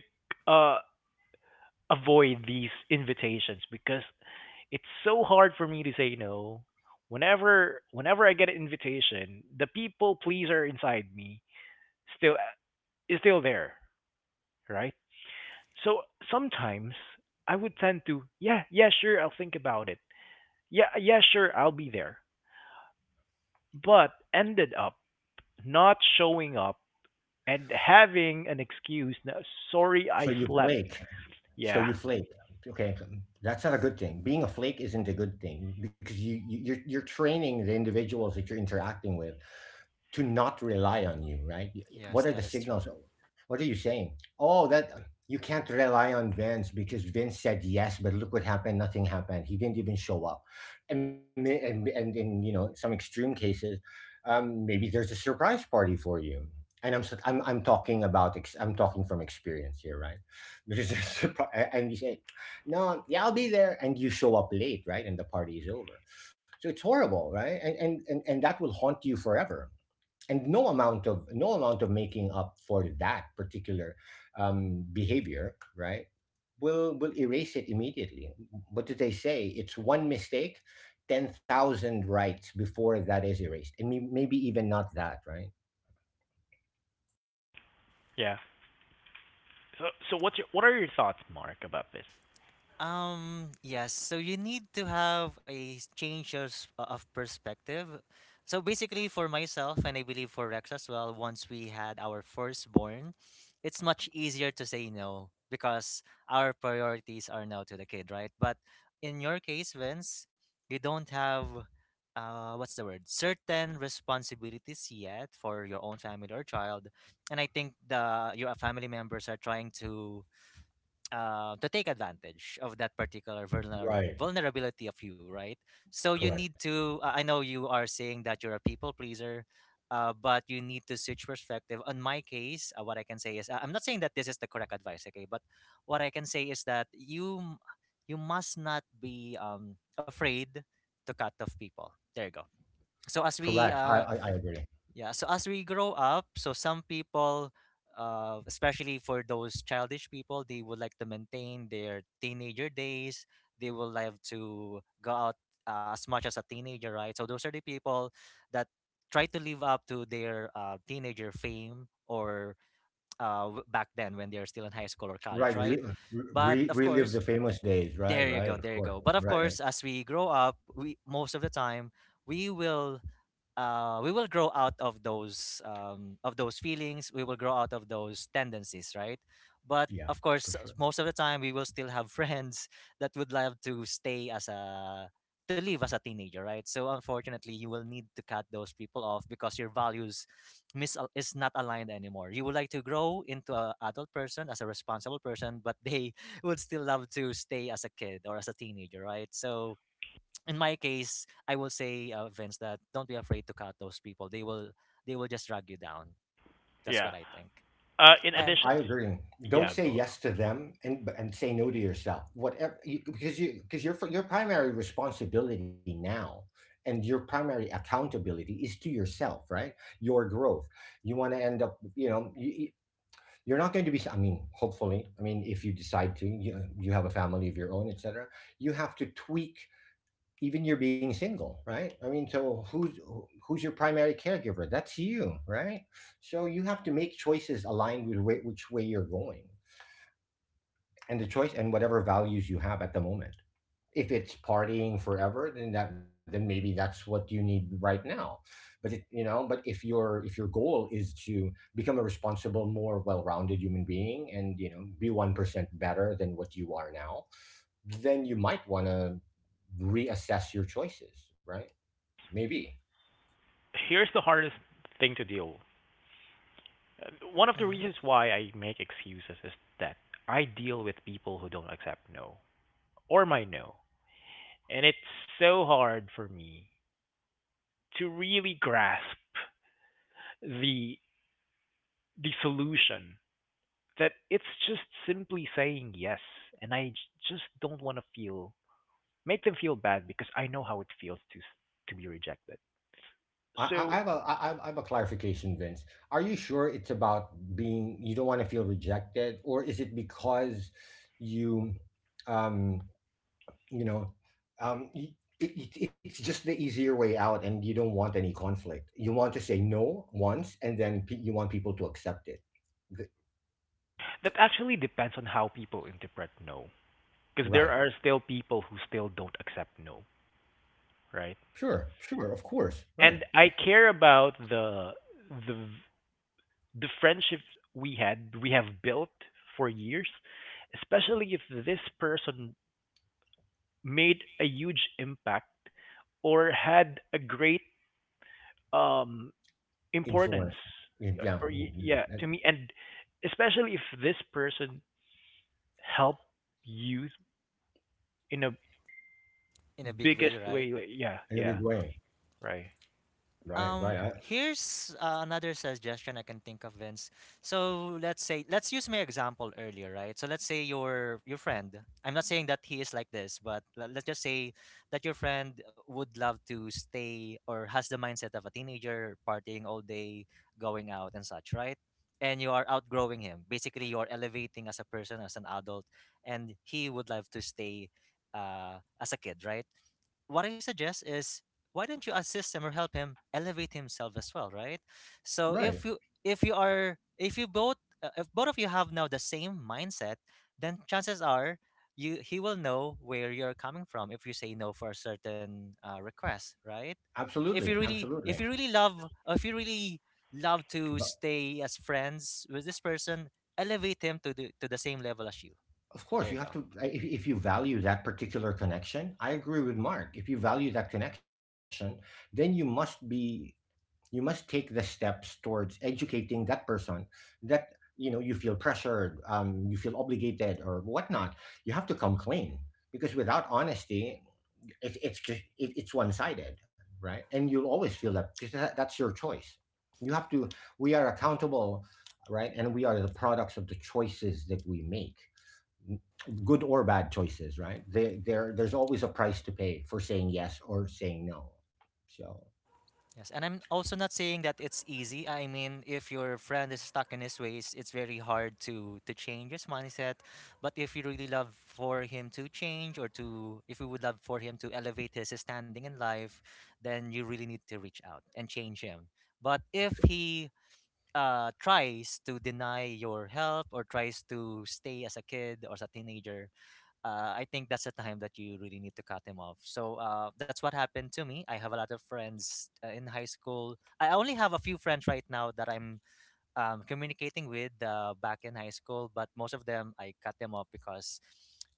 Speaker 1: avoid these invitations because it's so hard for me to say no. Whenever I get an invitation, the people pleaser inside me still is still there, right? So sometimes I would tend to, yeah, yeah, sure, I'll think about it. Yeah, yeah, sure, I'll be there. But ended up not showing up and having an excuse. No, sorry,
Speaker 2: So
Speaker 1: I
Speaker 2: you
Speaker 1: slept.
Speaker 2: flake. So
Speaker 1: Yeah,
Speaker 2: you flake. Okay, that's not a good thing. Being a flake isn't a good thing, because you're you're training the individuals that you're interacting with to not rely on you, right? What
Speaker 3: Yes,
Speaker 2: are the
Speaker 3: that is
Speaker 2: signals?
Speaker 3: true.
Speaker 2: What are you saying? Oh, that you can't rely on Vince, because Vince said yes, but look what happened. Nothing happened. He didn't even show up. And in you know some extreme cases, maybe there's a surprise party for you. And I'm talking about I'm talking from experience here, right? *laughs* Because there's a surprise, and you say, "No, yeah, I'll be there," and you show up late, right? And the party is over. So it's horrible, right? And that will haunt you forever, and no amount of making up for that particular behavior, right, will erase it immediately. What do they say? It's one mistake, 10,000 rights before that is erased, and maybe even not that, right.
Speaker 1: yeah. So, so what's your, what are your thoughts, Mark, about this?
Speaker 3: Yes, so you need to have a change of perspective. So basically, for myself, and I believe for Rex as well, once we had our firstborn, it's much easier to say no because our priorities are now to the kid, right? But in your case, Vince, you don't have, what's the word, certain responsibilities yet for your own family or child. And I think the your family members are trying to take advantage of that particular
Speaker 2: Right.
Speaker 3: vulnerability of you, right? So you need
Speaker 2: Correct.
Speaker 3: to. I know you are saying that you're a people pleaser, but you need to switch perspective. On my case, what I can say is, I'm not saying that this is the correct advice, okay? But what I can say is that you must not be afraid to cut off people. There you go. So as we
Speaker 2: Correct.
Speaker 3: uh,
Speaker 2: I agree.
Speaker 3: yeah, so as we grow up, so some people, especially for those childish people, they would like to maintain their teenager days. They would like to go out as much as a teenager, right? So those are the people that try to live up to their teenager fame or back then when they're still in high school or college,
Speaker 2: Right,
Speaker 3: right? But
Speaker 2: re-
Speaker 3: of
Speaker 2: relive
Speaker 3: course,
Speaker 2: the famous days, right,
Speaker 3: there you go,
Speaker 2: right, of
Speaker 3: there you
Speaker 2: course,
Speaker 3: go. But of
Speaker 2: right,
Speaker 3: course, as we grow up, we most of the time we will we will grow out of those feelings, we will grow out of those tendencies, right? But
Speaker 2: yeah,
Speaker 3: of
Speaker 2: for
Speaker 3: course,
Speaker 2: sure.
Speaker 3: most of the time we will still have *laughs* friends that would love to stay as a to live as a teenager, right? So unfortunately, you will need to cut those people off because your values is not aligned anymore. You would like to grow into a adult person as a responsible person, but they *laughs* would still love to stay as a kid or as a teenager, right? So in my case, I will say, Vince, that don't be afraid to cut those people. They will just drag you down. That's
Speaker 1: Yeah.
Speaker 3: what I think.
Speaker 1: In
Speaker 3: And
Speaker 1: addition,
Speaker 2: I
Speaker 1: to,
Speaker 2: agree. Don't
Speaker 1: yeah,
Speaker 2: say
Speaker 1: go.
Speaker 2: yes to them, and say no to yourself. Whatever you, because your your primary responsibility now and your primary accountability is to yourself, right? Your growth. You want to end up, you know, you- you're not going to be, I mean, hopefully, I mean, if you decide to you have a family of your own, etc. You have to tweak even you're being single, right? I mean, so who's your primary caregiver? That's you, right? So you have to make choices aligned with which way you're going, and the choice and whatever values you have at the moment. If it's partying forever then that, then maybe that's what you need right now. But it, you know, but if your goal is to become a responsible, more well-rounded human being and, you know, be 1% better than what you are now, then you might want to reassess your choices, right? Maybe.
Speaker 1: Here's the hardest thing to deal with. One of the
Speaker 3: mhm,
Speaker 1: reasons why I make excuses is that I deal with people who don't accept no or my no. And it's so hard for me to really grasp the solution that it's just simply saying yes. And just don't want to feel make them feel bad because I know how it feels to to be rejected.
Speaker 2: I, I I
Speaker 1: So
Speaker 2: have a I, I I have a clarification, Vince. Are you sure it's about being, you don't want to feel rejected, or is it because you, um, you know, um, y- it, it's just the easier way out, and you don't want any conflict. You want to say no once, and then you want people to accept it. Th-
Speaker 1: that actually depends on how people interpret no. Because there
Speaker 2: Right.
Speaker 1: are still people who still don't accept no, right?
Speaker 2: Sure. Sure. Of course. Right.
Speaker 1: And I care about the the friendship we had we have built for years, especially if this person made a huge impact or had a great um importance
Speaker 2: Influence. Yeah.
Speaker 1: yeah,
Speaker 2: Mm,
Speaker 1: yeah
Speaker 2: mm,
Speaker 1: to
Speaker 2: In
Speaker 1: me and especially if this person helped you in a
Speaker 3: in a big way,
Speaker 1: biggest
Speaker 3: right?
Speaker 1: way like, yeah
Speaker 2: in a
Speaker 1: yeah
Speaker 2: big way.
Speaker 1: right.
Speaker 2: Right. Right. I,
Speaker 3: Here's another suggestion I can think of, Vince. So let's use my example earlier, right? So let's say your friend. I'm not saying that he is like this, but let's just say that your friend would love to stay or has the mindset of a teenager, partying all day, going out and such, right? And you are outgrowing him. Basically, you are elevating as a person, as an adult, and he would love to stay as a kid, right? What I suggest is why don't you assist him or help him elevate himself as well, right? So
Speaker 2: right.
Speaker 3: if you are if you both if both of you have now the same mindset, then chances are you he will know where you're coming from if you say no for a certain request, right? If
Speaker 2: Absolutely.
Speaker 3: you really
Speaker 2: Absolutely.
Speaker 3: love to stay as friends with this person, elevate him to the same level as you.
Speaker 2: Of course,
Speaker 3: There
Speaker 2: you
Speaker 3: you
Speaker 2: have
Speaker 3: go.
Speaker 2: to. If you value that particular connection, I agree with Mark. If you value that connection, then you must be. You must take the steps towards educating that person that you know you feel pressured, you feel obligated, or whatnot. You have to come clean, because without honesty, it, it's just it, it's one sided, right? And you'll always feel that, because that's your choice. You have to. We are accountable, right? And we are the products of the choices that we make, good or bad choices, right? There's always a price to pay for saying yes or saying no. So,
Speaker 3: Yes, and I'm also not saying that it's easy. I mean, if your friend is stuck in his ways, it's very hard to change his mindset. But if you really love for him to change or to if you would love for him to elevate his standing in life, then you really need to reach out and change him. But if he tries to deny your help or tries to stay as a kid or as a teenager, I think that's a time that you really need to cut him off. So that's what happened to me. I have a lot of friends in high school. I only have a few friends right now that I'm communicating with back in high school, but most of them I cut them off because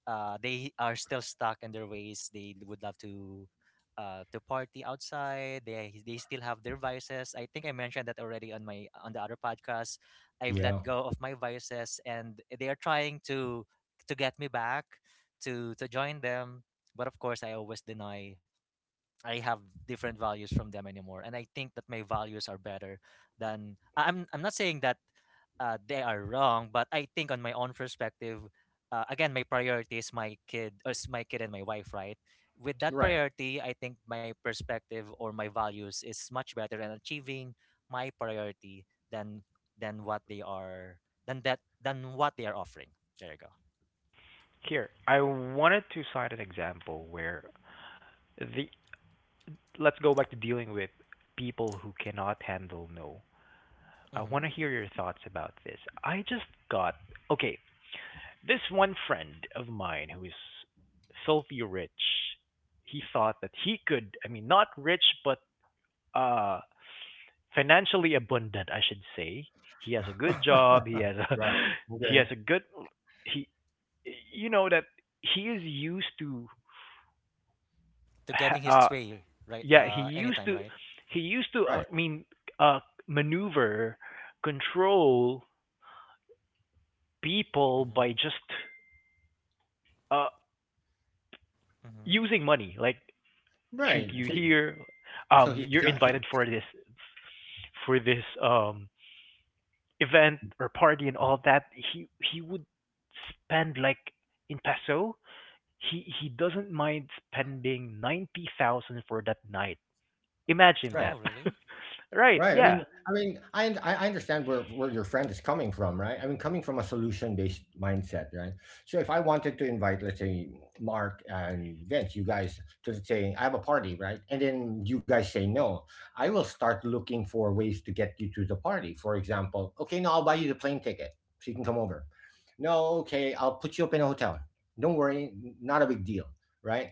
Speaker 3: they are still stuck in their ways. They would love to party outside. They still have their vices. I think I mentioned that already on the other podcast. I've let
Speaker 2: yeah,
Speaker 3: go of my vices, and they are trying to get me back to join them. But of course, I always deny. I have different values from them anymore, and I think that my values are better than I'm not saying that they are wrong, but I think on my own perspective, again, my priority is my kid, or is my kid and my wife, right? With that
Speaker 2: right,
Speaker 3: priority, I think my perspective or my values is much better and achieving my priority than what they are than what they are offering. There you go.
Speaker 1: Here I wanted to cite an example where the let's go back to dealing with people who cannot handle no. I want
Speaker 3: Mm-hmm.
Speaker 1: to hear your thoughts about this. I just got okay. This one friend of mine who is filthy rich, he thought that he could. I mean, not rich, but uh, financially abundant, I should say. He has a good job. He
Speaker 2: *laughs*
Speaker 1: has a
Speaker 2: right,
Speaker 1: *laughs* he
Speaker 2: okay,
Speaker 1: has a good he. You know that he is used to.
Speaker 3: To getting his
Speaker 1: Uh,
Speaker 3: way, right?
Speaker 1: yeah, he
Speaker 3: Anytime,
Speaker 1: used to
Speaker 3: right?
Speaker 2: right,
Speaker 1: I mean, uh, maneuver, control people
Speaker 3: Mm-hmm.
Speaker 1: by just uh using
Speaker 3: Mm-hmm.
Speaker 1: money like treat
Speaker 2: right.
Speaker 1: you here,
Speaker 2: So he's
Speaker 1: you're
Speaker 2: got, he,
Speaker 1: invited for this, for this event or party and all that. He would spend like, in peso, he doesn't mind spending 90,000 for that night. Imagine
Speaker 2: right.
Speaker 3: Oh,
Speaker 1: that.
Speaker 3: really?
Speaker 1: *laughs* right,
Speaker 2: Right. I mean,
Speaker 1: yeah.
Speaker 2: I mean, I und- I I understand where your friend is coming from, right? I mean, coming from a solution based mindset, right? So if I wanted to invite, let's say, Mark and Vince, you guys, to let's say I have a party, right? And then you guys say no, I will start looking for ways to get you to the party. For example, okay, no, I'll buy you the plane ticket so you can come over. No, okay, I'll put you up in a hotel. Don't worry, not a big deal, right?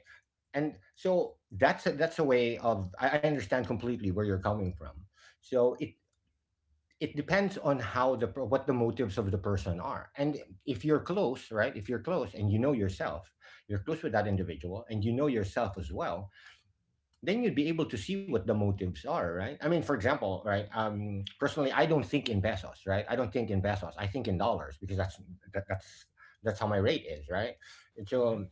Speaker 2: And so that's a way of I understand completely where you're coming from. So it depends on how what the motives of the person are. And if you're close, right? If you're close and you know yourself, you're close with that individual and you know yourself as well, then you'd be able to see what the motives are, right? I mean, for example, right? Personally, I don't think in pesos, right? I don't think in pesos. I think in dollars because that's that's that's how my rate is, right? And
Speaker 3: Mm-hmm.
Speaker 2: so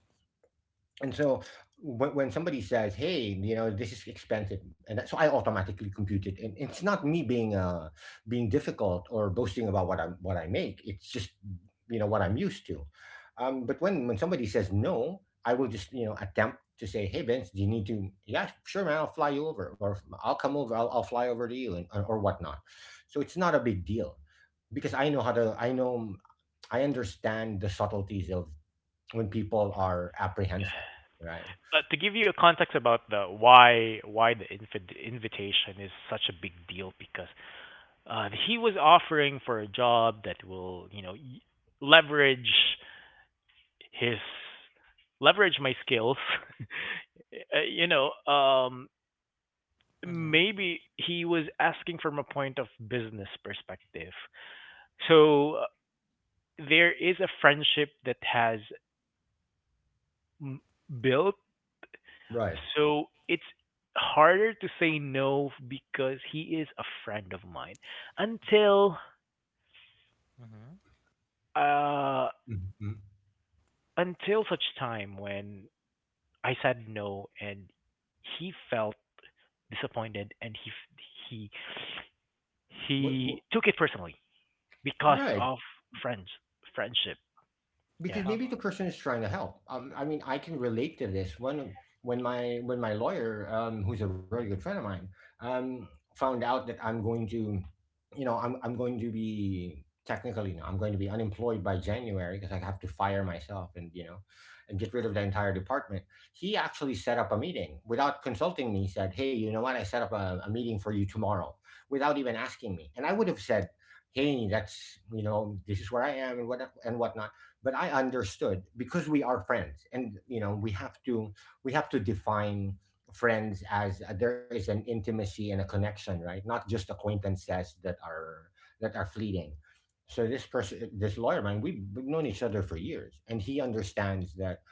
Speaker 2: and so when, somebody says, "Hey, you know, this is expensive," and that, so I automatically compute it, and it's not me being being difficult or boasting about what I make. It's just you know what I'm used to. But when somebody says no, I will just you know attempt to say, "Hey, Vince, do you need to?" Yeah, sure, man, I'll fly you over, or I'll come over, I'll fly over to you, and or whatnot. So it's not a big deal because I know how to. I know I understand the subtleties of when people are apprehensive, right?
Speaker 1: To give you a context about the why the invitation is such a big deal, because he was offering for a job that will, you know, leverage his, leverage my skills. *laughs* Uh, you know, um,
Speaker 3: Mm-hmm.
Speaker 1: Maybe he was asking from a point of business perspective. So there is a friendship that has m- built.
Speaker 2: Right.
Speaker 1: So it's harder to say no because he is a friend of mine, until
Speaker 3: Mm-hmm.
Speaker 1: uh
Speaker 2: Mhm.
Speaker 1: until such time when I said no, and he felt disappointed, and he
Speaker 2: What?
Speaker 1: he took it personally because
Speaker 2: Right.
Speaker 1: of friends, friendship.
Speaker 2: Because
Speaker 1: Yeah.
Speaker 3: Um,
Speaker 2: maybe the person is trying to help. I mean, I can relate to this. When my lawyer, who's a very good friend of mine, um, found out that I'm going to, you know, I'm going to be technically, you know, I'm going to be unemployed by January because I have to fire myself and you know, and get rid of the entire department. He actually set up a meeting without consulting me. He said, "Hey, you know what? I set up a meeting for you tomorrow," without even asking me. And I would have said, "Hey, that's you know, this is where I am and whatnot." But I understood because we are friends and you know we have to define friends as there is an intimacy and a connection, right? Not just acquaintances that are fleeting. So this person, this lawyer, man, we've known each other for years and he understands that,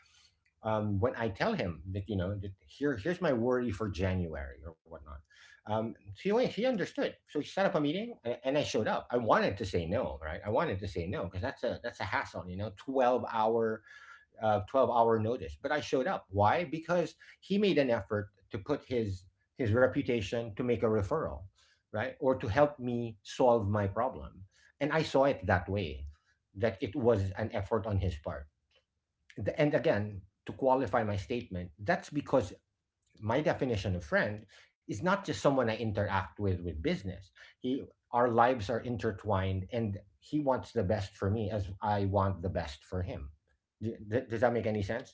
Speaker 2: when I tell him that you know that here's my worry for January or whatnot. Um, he understood, so he set up a meeting, and, I showed up. I wanted to say no, right? I wanted to say no because that's a hassle, you know, 12 hour 12 hour notice. But I showed up. Why? Because he made an effort to put his reputation to make a referral, right, or to help me solve my problem, and I saw it that way, that it was an effort on his part. And again, to qualify my statement, that's because my definition of friend is not just someone I interact with business. He, our lives are intertwined, and he wants the best for me as I want the best for him. Does that make any sense?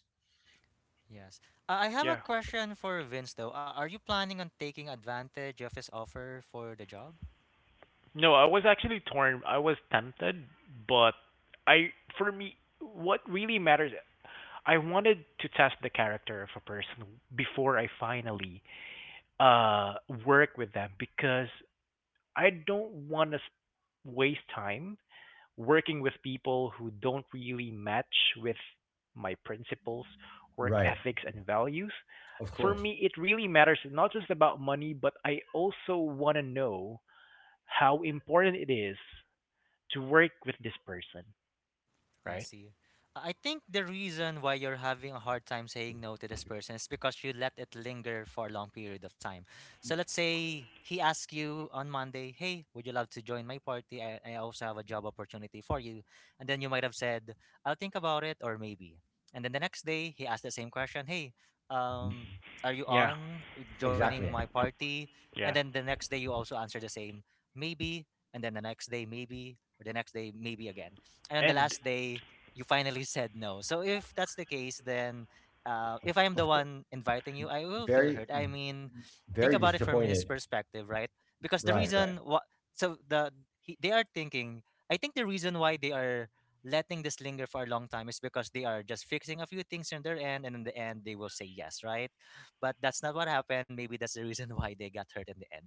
Speaker 3: yes. I have a
Speaker 1: Yeah.
Speaker 3: question for Vince though. Are you planning on taking advantage of his offer for the job?
Speaker 1: No, I was actually torn. I was tempted, but I, for me, what really matters, I wanted to test the character of a person before I finally uh work with them, because I don't want to waste time working with people who don't really match with my principles, work
Speaker 2: Right.
Speaker 1: ethics, and values.
Speaker 2: Of
Speaker 1: For me,
Speaker 2: course.
Speaker 1: it really matters, not just about money, but I also want to know how important it is to work with this person,
Speaker 3: I
Speaker 1: right?
Speaker 3: see. I think the reason why you're having a hard time saying no to this person is because you let it linger for a long period of time. So let's say he asks you on Monday, "Hey, would you love to join my party? I also have a job opportunity for you." And then you might have said, "I'll think about it, or maybe." And then the next day he asks the same question, "Hey,
Speaker 2: Mhm.
Speaker 3: um are you
Speaker 1: Yeah,
Speaker 3: on joining my
Speaker 2: Exactly.
Speaker 3: party?" And
Speaker 1: yeah,
Speaker 3: then the next day you also answer the same, "Maybe." And then the next day, maybe, or the next day, maybe again, and on the
Speaker 1: and
Speaker 3: last day you finally said no. So if that's the case, then if I am the
Speaker 2: Of course.
Speaker 3: one inviting you, I will feel
Speaker 2: Very,
Speaker 3: hurt. I mean, think
Speaker 2: very
Speaker 3: about it from his
Speaker 2: disappointed.
Speaker 3: perspective, right? Because the
Speaker 2: Right. Right.
Speaker 3: reason what, so they are thinking, I think the reason why they are letting this linger for a long time is because they are just fixing a few things on their end, and in the end they will say yes, right? But that's not what happened. Maybe that's the reason *laughs* why they got hurt in the end.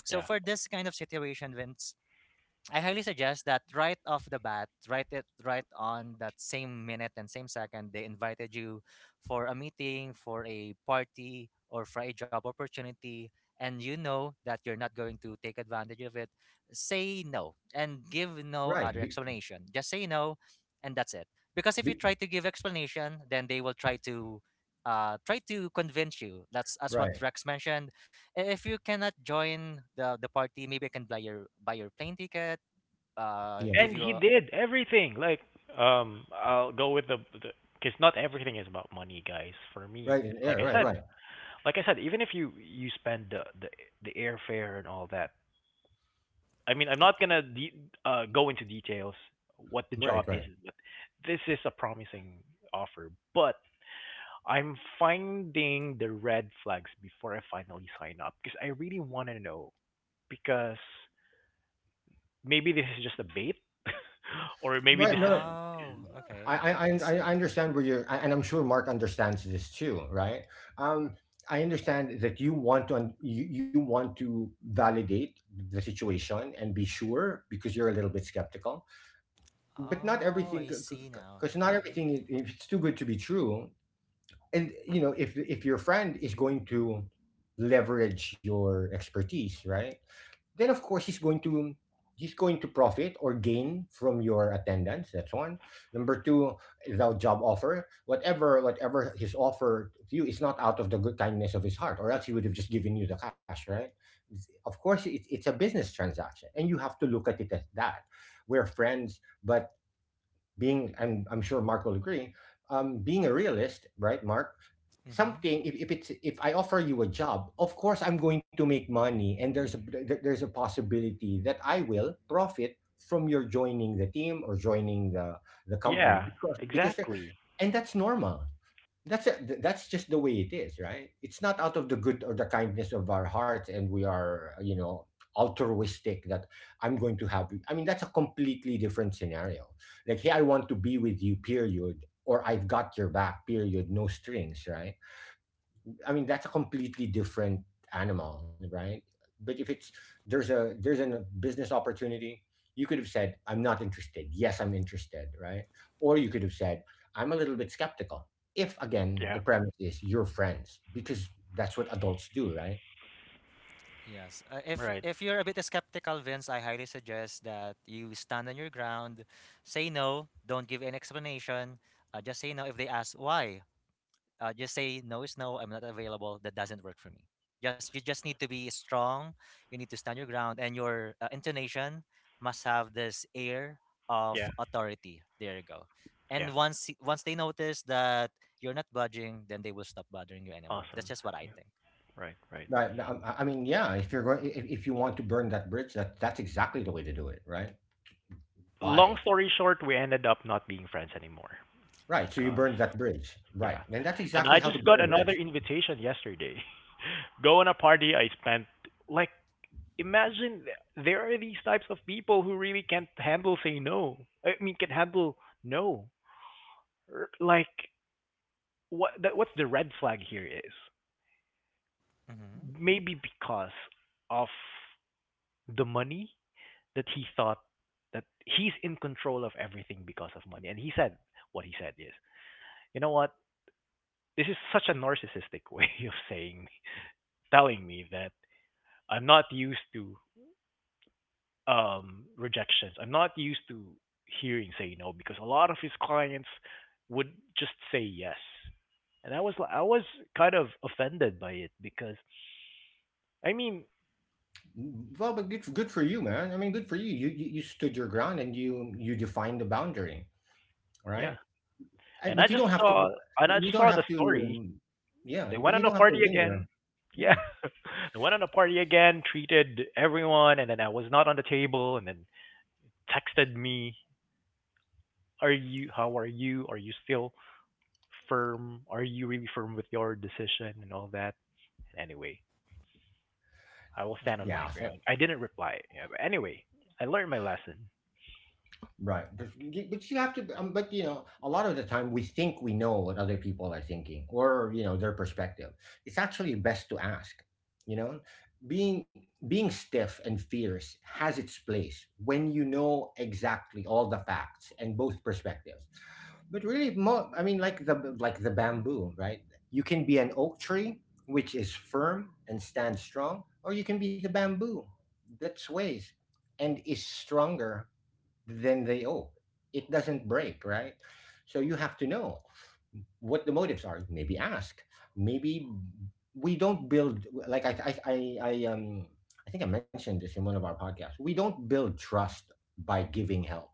Speaker 3: So
Speaker 1: yeah,
Speaker 3: for this kind of situation, when I highly suggest that right off the bat, write it right on that same minute and same second they invited you for a meeting, for a party, or for a job opportunity, and you know that you're not going to take advantage of it, say no and give no
Speaker 2: Right.
Speaker 3: other explanation. Just say no, and that's it. Because if you
Speaker 2: Be,
Speaker 3: try to give explanation, then they will try to try to convince you. That's as what
Speaker 2: right.
Speaker 3: Rex mentioned. If you cannot join the party, maybe I can buy your plane ticket,
Speaker 2: Yeah.
Speaker 3: give
Speaker 1: and
Speaker 3: you
Speaker 1: he
Speaker 3: a,
Speaker 1: did everything. Like, I'll go with the, because not everything is about money, guys. For me,
Speaker 2: Right. Yeah.
Speaker 1: like I
Speaker 2: Right.
Speaker 1: said,
Speaker 2: Right.
Speaker 1: like I said, even if you spend the, the airfare and all that, I mean, I'm not gonna go into details what the job
Speaker 2: Right.
Speaker 1: is, but this is a promising offer. But I'm finding the red flags before I finally sign up, because I really want to know, because maybe this is just a bait, *laughs* or maybe
Speaker 2: Right.
Speaker 1: this is,
Speaker 2: No.
Speaker 3: oh
Speaker 2: I
Speaker 3: okay,
Speaker 2: I
Speaker 3: I
Speaker 2: I
Speaker 3: see.
Speaker 2: I understand where you're, and I'm sure Mark understands this too, right? Um, I understand that you want to you, you want to validate the situation and be sure because you're a little bit skeptical. But not
Speaker 3: Oh,
Speaker 2: everything,
Speaker 3: I see now.
Speaker 2: because not
Speaker 3: Okay.
Speaker 2: everything, if it's too good to be true, and you know, if your friend is going to leverage your expertise, right? Then of course he's going to profit or gain from your attendance. That's one. Number two, the job offer, whatever, whatever his offer to you, is not out of the good kindness of his heart, or else he would have just given you the cash, right? Of course it's a business transaction and you have to look at it as that. We're friends, but being I'm sure Mark will agree, being a realist, right, Mark?
Speaker 3: Mm-hmm.
Speaker 2: Something, if it's, if I offer you a job, of course I'm going to make money, and there's a there's a possibility that I will profit from your joining the team or joining the company,
Speaker 1: yeah,
Speaker 2: because they're.
Speaker 1: exactly,
Speaker 2: And that's normal. That's just the way it is, right? It's not out of the good or the kindness of our hearts, and we are, you know, altruistic, that I'm going to have, I mean, that's a completely different scenario, like, hey, I want to be with you period, or I've got your back period, no strings, right? I mean, that's a completely different animal, right? But if it's there's a business opportunity, you could have said, "I'm not interested." Yes, I'm interested, right? Or you could have said, "I'm a little bit skeptical." If again, the
Speaker 1: yeah,
Speaker 2: premise is you're friends, because that's what adults do, right?
Speaker 3: Yes. If
Speaker 1: right,
Speaker 3: if you're a bit skeptical, Vince, I highly suggest that you stand on your ground. Say no, don't give an explanation. Just say no. If they ask why, just say no is no, I'm not available, that doesn't work for me. Just You just need to be strong. You need to stand your ground, and your intonation must have this air of
Speaker 1: yeah,
Speaker 3: authority. There you go.
Speaker 1: yeah,
Speaker 3: And once once they notice that you're not budging, then they will stop bothering you anymore. That's
Speaker 1: awesome,
Speaker 3: just what I
Speaker 1: yeah,
Speaker 3: think.
Speaker 1: right, right.
Speaker 2: Right. I mean, yeah. If you're going, if you want to burn that bridge, that that's exactly the way to do it, right?
Speaker 1: Long
Speaker 2: Bye.
Speaker 1: story short, we ended up not being friends anymore
Speaker 2: Right. So you
Speaker 1: because,
Speaker 2: burn that bridge, right?
Speaker 1: yeah.
Speaker 2: And that's
Speaker 1: And I
Speaker 2: exactly how to
Speaker 1: just got
Speaker 2: burn a
Speaker 1: another
Speaker 2: bridge.
Speaker 1: invitation yesterday. *laughs* Go on a party I spent like, imagine there are these types of people who really can't handle saying no. I mean, can handle no. Like, what's the red flag here is,
Speaker 3: Mm-hmm.
Speaker 1: maybe because of the money, that he thought that he's in control of everything because of money. And he said, what he said is, you know what? This is such a narcissistic *laughs* way of saying, telling me that I'm not used to rejections. I'm not used to hearing say no, because a lot of his clients would just say yes, and I was kind of offended by it because I mean,
Speaker 2: Well, but good, good for you, man. I mean, good for you. You stood your ground and you defined the boundary,
Speaker 1: yeah,
Speaker 2: right? And,
Speaker 1: and I
Speaker 2: but you
Speaker 1: just
Speaker 2: don't have to.
Speaker 1: saw, and I
Speaker 2: You
Speaker 1: just
Speaker 2: don't
Speaker 1: saw the
Speaker 2: have to.
Speaker 1: story.
Speaker 2: Um, yeah,
Speaker 1: They went
Speaker 2: but
Speaker 1: on
Speaker 2: you
Speaker 1: a
Speaker 2: don't have
Speaker 1: party
Speaker 2: to
Speaker 1: again.
Speaker 2: linger.
Speaker 1: Yeah,
Speaker 2: Yeah,
Speaker 1: *laughs* they went on a party again, treated everyone, and then I was not on the table, and then texted me, "Are you? How are you? Are you still firm? Are you really firm with your decision and all that?" Anyway, I will stand on
Speaker 2: yeah.
Speaker 1: my
Speaker 3: Mm-hmm.
Speaker 2: So
Speaker 1: ground. I didn't reply. Yeah, but anyway, I learned my lesson.
Speaker 2: right. But you have to, but you know, a lot of the time we think we know what other people are thinking or, you know, their perspective. It's actually best to ask, you know, being, being stiff and fierce has its place when you know exactly all the facts and both perspectives. But really, mo I mean, like the bamboo, right? You can be an oak tree, which is firm and stands strong, or you can be the bamboo that sways and is stronger then they owe. It doesn't break, right? So you have to know what the motives are. Maybe ask. Maybe we don't build like I think I mentioned this in one of our podcasts. We don't build trust by giving help.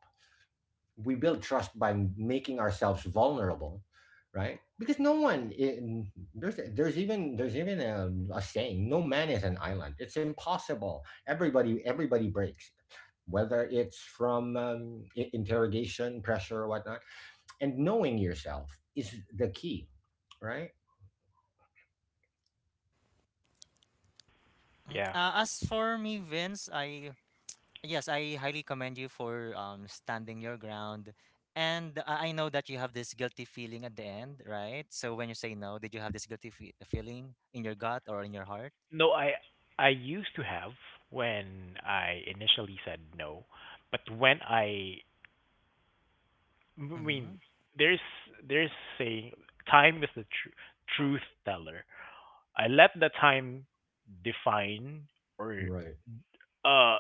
Speaker 2: We build trust by making ourselves vulnerable, right? Because no one in, there's there's even a saying, no man is an island. It's impossible. Everybody breaks, whether it's from interrogation, pressure, or whatnot. And knowing yourself is the key, right?
Speaker 1: Yeah.
Speaker 3: As for me, Vince, I, yes, I highly commend you for standing your ground. And I know that you have this guilty feeling at the end, right? So when you say no, did you have this guilty fe feeling in your gut or in your heart?
Speaker 1: No, I used to have, when I initially said no, but when I mean,
Speaker 3: Hmm.
Speaker 1: there's there's saying, time is the truth teller. I let the time define or
Speaker 2: Right.
Speaker 1: uh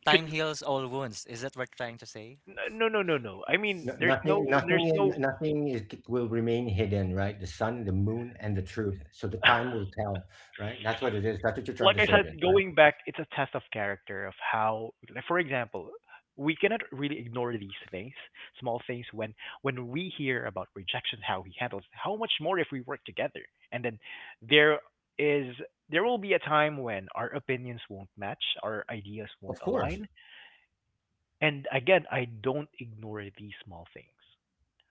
Speaker 3: Time
Speaker 1: con-
Speaker 3: heals all wounds. Is that what you're trying to say?
Speaker 1: no, no, no, no. I mean,
Speaker 2: No,
Speaker 1: there's no,
Speaker 3: Okay.
Speaker 1: there's no,
Speaker 2: nothing will remain hidden, right? The sun, the moon, and the truth. So the
Speaker 1: *laughs*
Speaker 2: time will tell, right? That's what it is. That's what you're
Speaker 1: like
Speaker 2: trying to
Speaker 1: I
Speaker 2: say,
Speaker 1: said,
Speaker 2: Vince, right?
Speaker 1: going back, it's a test of character of how, like, for example, we cannot really ignore these things, small things. When we hear about rejection, how he handles, how much more if we work together, and then there is, there will be a time when our opinions won't match, our ideas
Speaker 2: Of
Speaker 1: won't
Speaker 2: course,
Speaker 1: align, and again, I don't ignore these small things,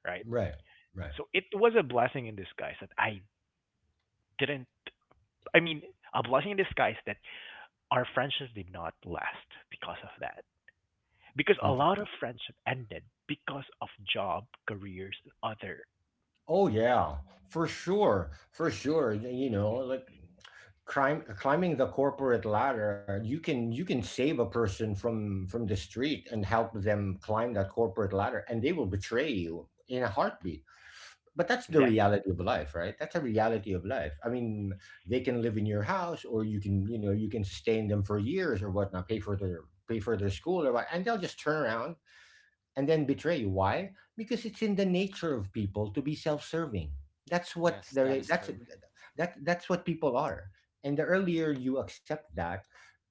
Speaker 1: right?
Speaker 2: right. Right.
Speaker 1: So it was a blessing in disguise that I didn't. I mean, a blessing in disguise that our friendships did not last because of that. Because a
Speaker 2: Mm.
Speaker 1: lot of friendship ended because of job, careers, and other.
Speaker 2: Oh yeah, for sure, for sure. You know, like climbing the corporate ladder, you can save a person from the street and help them climb that corporate ladder, and they will betray you in a heartbeat. But that's the
Speaker 1: Exactly.
Speaker 2: reality of life, right? That's a reality of life. I mean, they can live in your house, or you can, you know, you can sustain them for years or whatnot, pay for their school or what, and they'll just turn around and then betray. Why? Because it's in the nature of people to be self-serving. That's what
Speaker 3: Yes, that
Speaker 2: they're
Speaker 3: is
Speaker 2: that's
Speaker 3: true.
Speaker 2: that's what people are. And the earlier you accept that,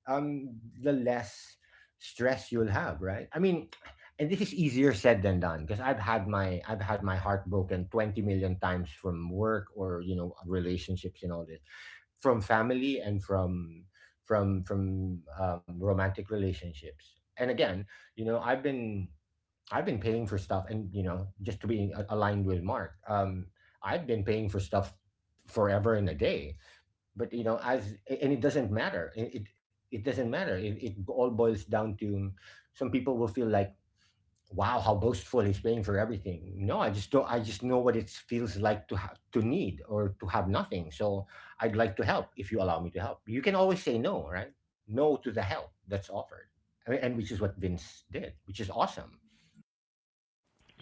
Speaker 2: the less stress you'll have, right? I mean, and this is easier said than done because I've had my heart broken 20 million times from work or you know relationships and all this, from family and from romantic relationships. And again, you know, I've been paying for stuff, and you know, just to be aligned with Mark, I've been paying for stuff forever and a day. But you know, as and it doesn't matter. It doesn't matter. It all boils down to some people will feel like, wow, how boastful he's paying for everything. No, I just don't. I just know what it feels like to have to need or to have nothing. So I'd like to help if you allow me to help. You can always say no, right? No to the help that's offered, I mean, and which is what Vince did, which is awesome.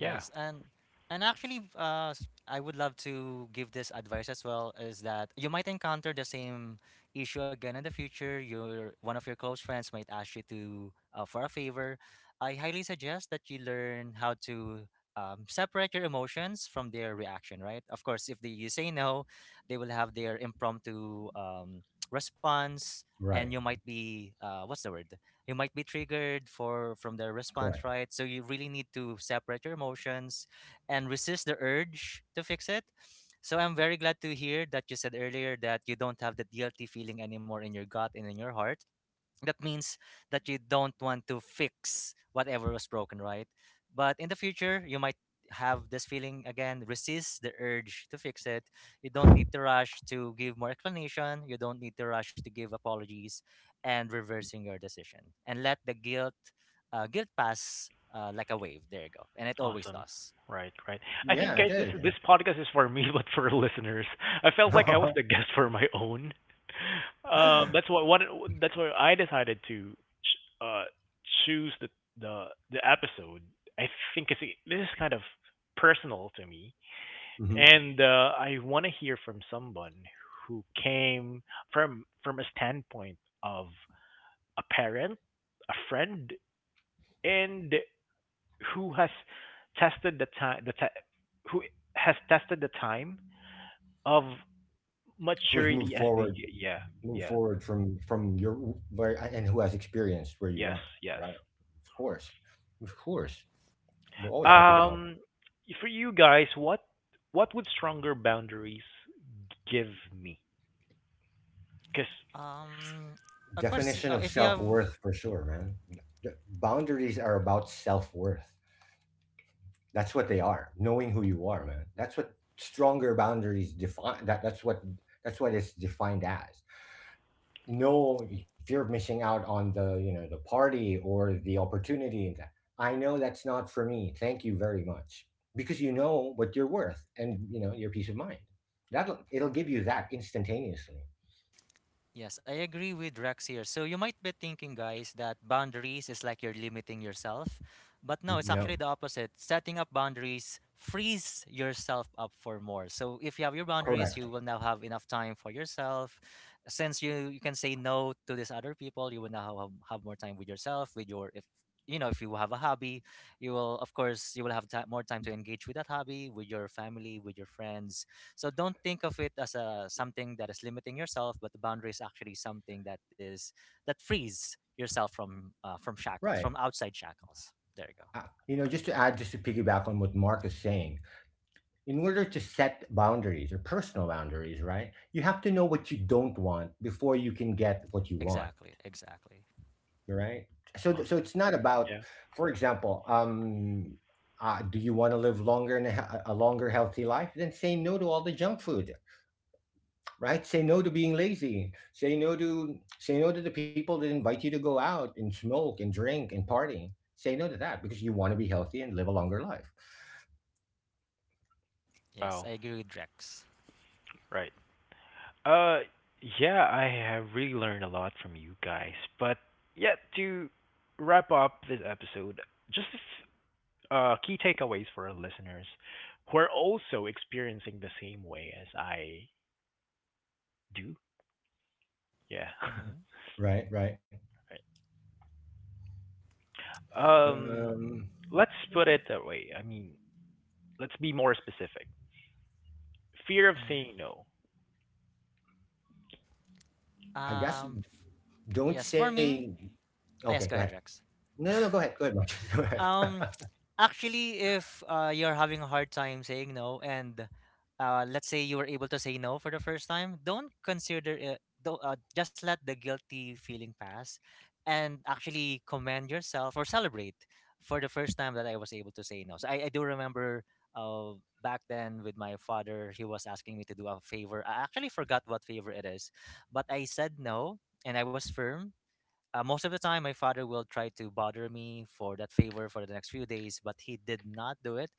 Speaker 1: Yeah.
Speaker 3: and actually, I would love to give this advice as well. Is that you might encounter the same issue again in the future. Your, one of your close friends might ask you to, for a favor. I highly suggest that you learn how to separate your emotions from their reaction. Right. Of course, if they, you say no, they will have their impromptu *tsk* response, and you
Speaker 2: Right.
Speaker 3: might be, what's the word, you might be triggered for from their response,
Speaker 2: Correct.
Speaker 3: right? So you really need to separate your emotions and resist the urge to fix it. So I'm very glad to hear that you said earlier that you don't have the guilty feeling anymore in your gut and in your heart. That means that you don't want to fix whatever was broken, right? But in the future, you might have this feeling again. Resist the urge to fix it. You don't need to rush to give more explanation, you don't need to rush to give apologies and reversing your decision, and let the guilt, guilt pass like a wave. There you go. And it always
Speaker 1: Awesome.
Speaker 3: does.
Speaker 1: Right, right. I
Speaker 2: Yeah, I
Speaker 1: think, guys, this
Speaker 2: did.
Speaker 1: this podcast is for me, *laughs* but for listeners. I felt like I was the guest for my own. That's what one, that's why I decided to choose the the episode. I think it's, this is kind of personal to me.
Speaker 2: *laughs* hmm
Speaker 1: And I want to hear from someone who came from a standpoint of a parent, a friend, and who has tested the time, the ti who has tested the time of
Speaker 2: Who has
Speaker 1: maturity as the, yeah,
Speaker 2: moved
Speaker 1: yeah,
Speaker 2: forward from your where and who has experienced where you
Speaker 1: yes,
Speaker 2: are,
Speaker 1: yes.
Speaker 2: right? Of course, of course, we're always happy to help.
Speaker 1: um for you guys, what would stronger boundaries give me, because,
Speaker 3: Um of course
Speaker 2: Definition of
Speaker 3: if you
Speaker 2: self
Speaker 3: have,
Speaker 2: worth for sure, man. Boundaries are about self worth. That's what they are. Knowing who you are, man. That's what stronger boundaries define. That's what it's defined as. No fear of missing out on the you know the party or the opportunity. I know that's not for me, thank you very much, because you know what you're worth and you know your peace of mind. That'll it'll give you that instantaneously.
Speaker 3: yes, I agree with Rex here. So you might be thinking, guys, that boundaries is like you're limiting yourself. But no,
Speaker 2: N-
Speaker 3: it's
Speaker 2: no
Speaker 3: actually the opposite. Setting up boundaries frees yourself up for more. So if you have your boundaries,
Speaker 2: correct,
Speaker 3: you will now have enough time for yourself. Since you can say no to these other people, you will now have more time with yourself, with your, if you know, if you have a hobby, you will, of course you will have more time to engage with that hobby, with your family, with your friends. So don't think of it as a something that is limiting yourself, but the boundary is actually something that is that frees yourself from shackles,
Speaker 2: right.
Speaker 3: from outside shackles. There you go.
Speaker 2: You know, just to add, just to piggyback on what Mark is saying, in order to set boundaries, or personal boundaries, right, you have to know what you don't want before you can get what you want,
Speaker 3: Exactly, exactly.
Speaker 2: right? So it's
Speaker 1: awesome,
Speaker 2: not about,
Speaker 1: yeah,
Speaker 2: for example, do you want to live longer and a longer healthy life? Then say no to all the junk food. Right, say no to being lazy, say no to the people that invite you to go out and smoke and drink and party. Say no to that because you want to be healthy and live a longer life.
Speaker 3: Yes,
Speaker 1: wow,
Speaker 3: I agree with Rex.
Speaker 1: right. Uh, yeah, I have really learned a lot from you guys. But yeah, to wrap up this episode, just a key takeaways for our listeners who are also experiencing the same way as I do. Yeah.
Speaker 3: Mm-hmm.
Speaker 2: Right, right.
Speaker 1: *laughs* um,
Speaker 2: um
Speaker 1: let's put it that way. I mean, let's be more specific. Fear of saying
Speaker 3: Mm-hmm.
Speaker 1: no.
Speaker 2: i guess
Speaker 3: Um,
Speaker 2: don't
Speaker 3: yes, for
Speaker 2: say,
Speaker 3: me, ah,
Speaker 2: okay,
Speaker 3: yes,
Speaker 2: go
Speaker 3: go
Speaker 2: ahead.
Speaker 3: ahead, Rex.
Speaker 2: No, go ahead, go ahead, Mark. *laughs* Go ahead. *laughs*
Speaker 3: Um, Actually, if you're having a hard time saying no, and let's say you were able to say no for the first time, don't consider it. Don't, Just let the guilty feeling pass, and actually commend yourself or celebrate for the first time that I was able to say no. So I do remember back then with my father, he was asking me to do a favor. I actually forgot what favor it is, but I said no, and I was firm. Most of the time my father will try to bother me for that favor for the next few days, but he did not do it.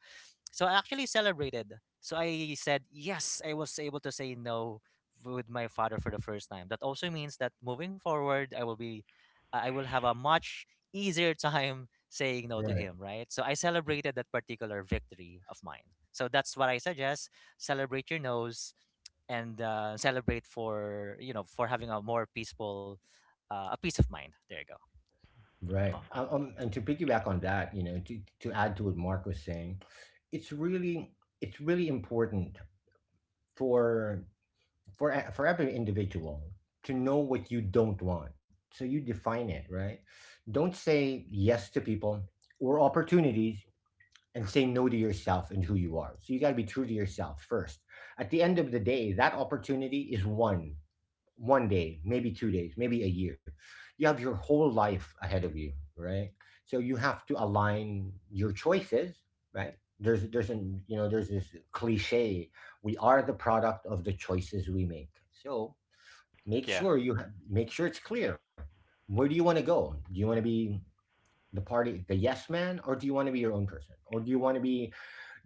Speaker 3: So I actually celebrated. So I said yes, I was able to say no with my father for the first time. That also means that moving forward I will be, I will have a much easier *laughs* time saying no to
Speaker 2: Right.
Speaker 3: him, right? So I celebrated that particular victory of mine. So that's what I suggest. Celebrate your no's, and celebrate for, you know, for having a more peaceful, a peace of mind. There you go.
Speaker 2: Right.
Speaker 3: Mhm.
Speaker 1: Awesome.
Speaker 2: And to piggyback on that, you know, to add to what Mark was saying, it's really it's really important for for every individual to know what you don't want. So you define it, right? Don't say yes to people or opportunities and say no to yourself and who you are. So you got to be true to yourself first. At the end of the day, that opportunity is one day, maybe 2 days, maybe a year. You have your whole life ahead of you, right? So you have to align your choices, right? There's an you know there's this cliche, we are the product of the choices we make. So make
Speaker 1: Yeah.
Speaker 2: sure you make sure it's clear. Where do you want to go? Do you want to be the party, the yes man, or do you want to be your own person, or do you want to be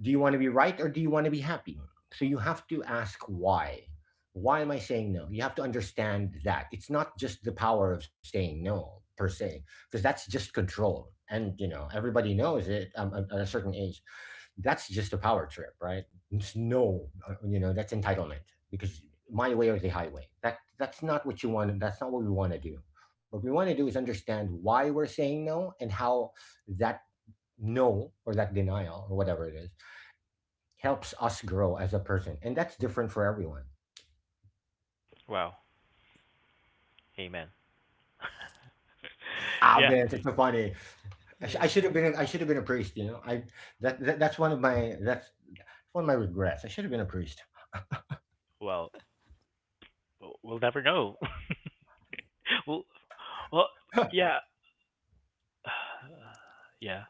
Speaker 2: right, or do you want to be happy? So you have to ask why. Why am I saying no? You have to understand that it's not just the power of saying no per se, because that's just control. And you know everybody knows it, at a certain age. That's just a power trip, right? It's no, you know, that's entitlement because my way or the highway. That's not what you want. That's not what we want to do. What we want to do is understand why we're saying no, and how that no or that denial or whatever it is helps us grow as a person, and that's different for everyone.
Speaker 1: Wow. Amen.
Speaker 2: Ah,
Speaker 1: Yeah.
Speaker 2: man, that's so funny. I, sh- I
Speaker 3: Yes,
Speaker 2: should
Speaker 3: Vince.
Speaker 2: have been. A, I should have been a priest. You know, I that, that That's one of my regrets. I should have been a priest.
Speaker 1: Well, we'll never know. *laughs* well, well,
Speaker 2: *laughs*
Speaker 1: yeah. *sighs* yeah.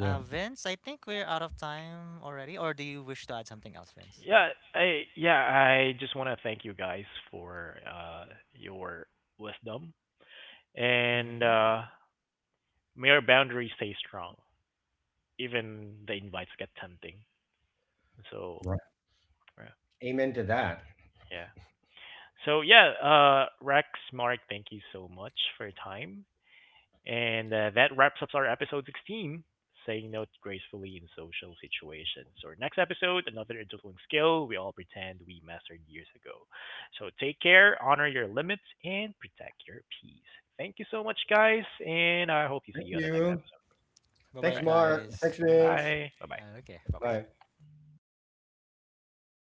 Speaker 3: Vince, I think we're out of time already. Or do you wish to add something else, Vince?
Speaker 1: Yeah, yeah, I just want to thank you guys for your wisdom, and
Speaker 3: Hmm.
Speaker 1: may our boundaries stay strong, even the invites get tempting. So,
Speaker 2: Right. Amen to that.
Speaker 1: yeah. So yeah, Rex, Mark, thank you so much for your time. And that wraps up our episode 16, saying no gracefully in social situations. So, our next episode, another adulting skill we all pretend we mastered years ago. So, take care, honor your limits, and protect your peace. Thank you so much, guys, and I hope you see
Speaker 2: Thank
Speaker 1: you on the next
Speaker 2: you.
Speaker 1: episode.
Speaker 3: Bye
Speaker 1: All
Speaker 3: bye,
Speaker 2: Thanks,
Speaker 1: right,
Speaker 2: Mark.
Speaker 3: guys.
Speaker 2: Thanks,
Speaker 3: Mm.
Speaker 2: Vince.
Speaker 1: bye. Bye bye.
Speaker 3: Okay, bye bye.
Speaker 2: Bye.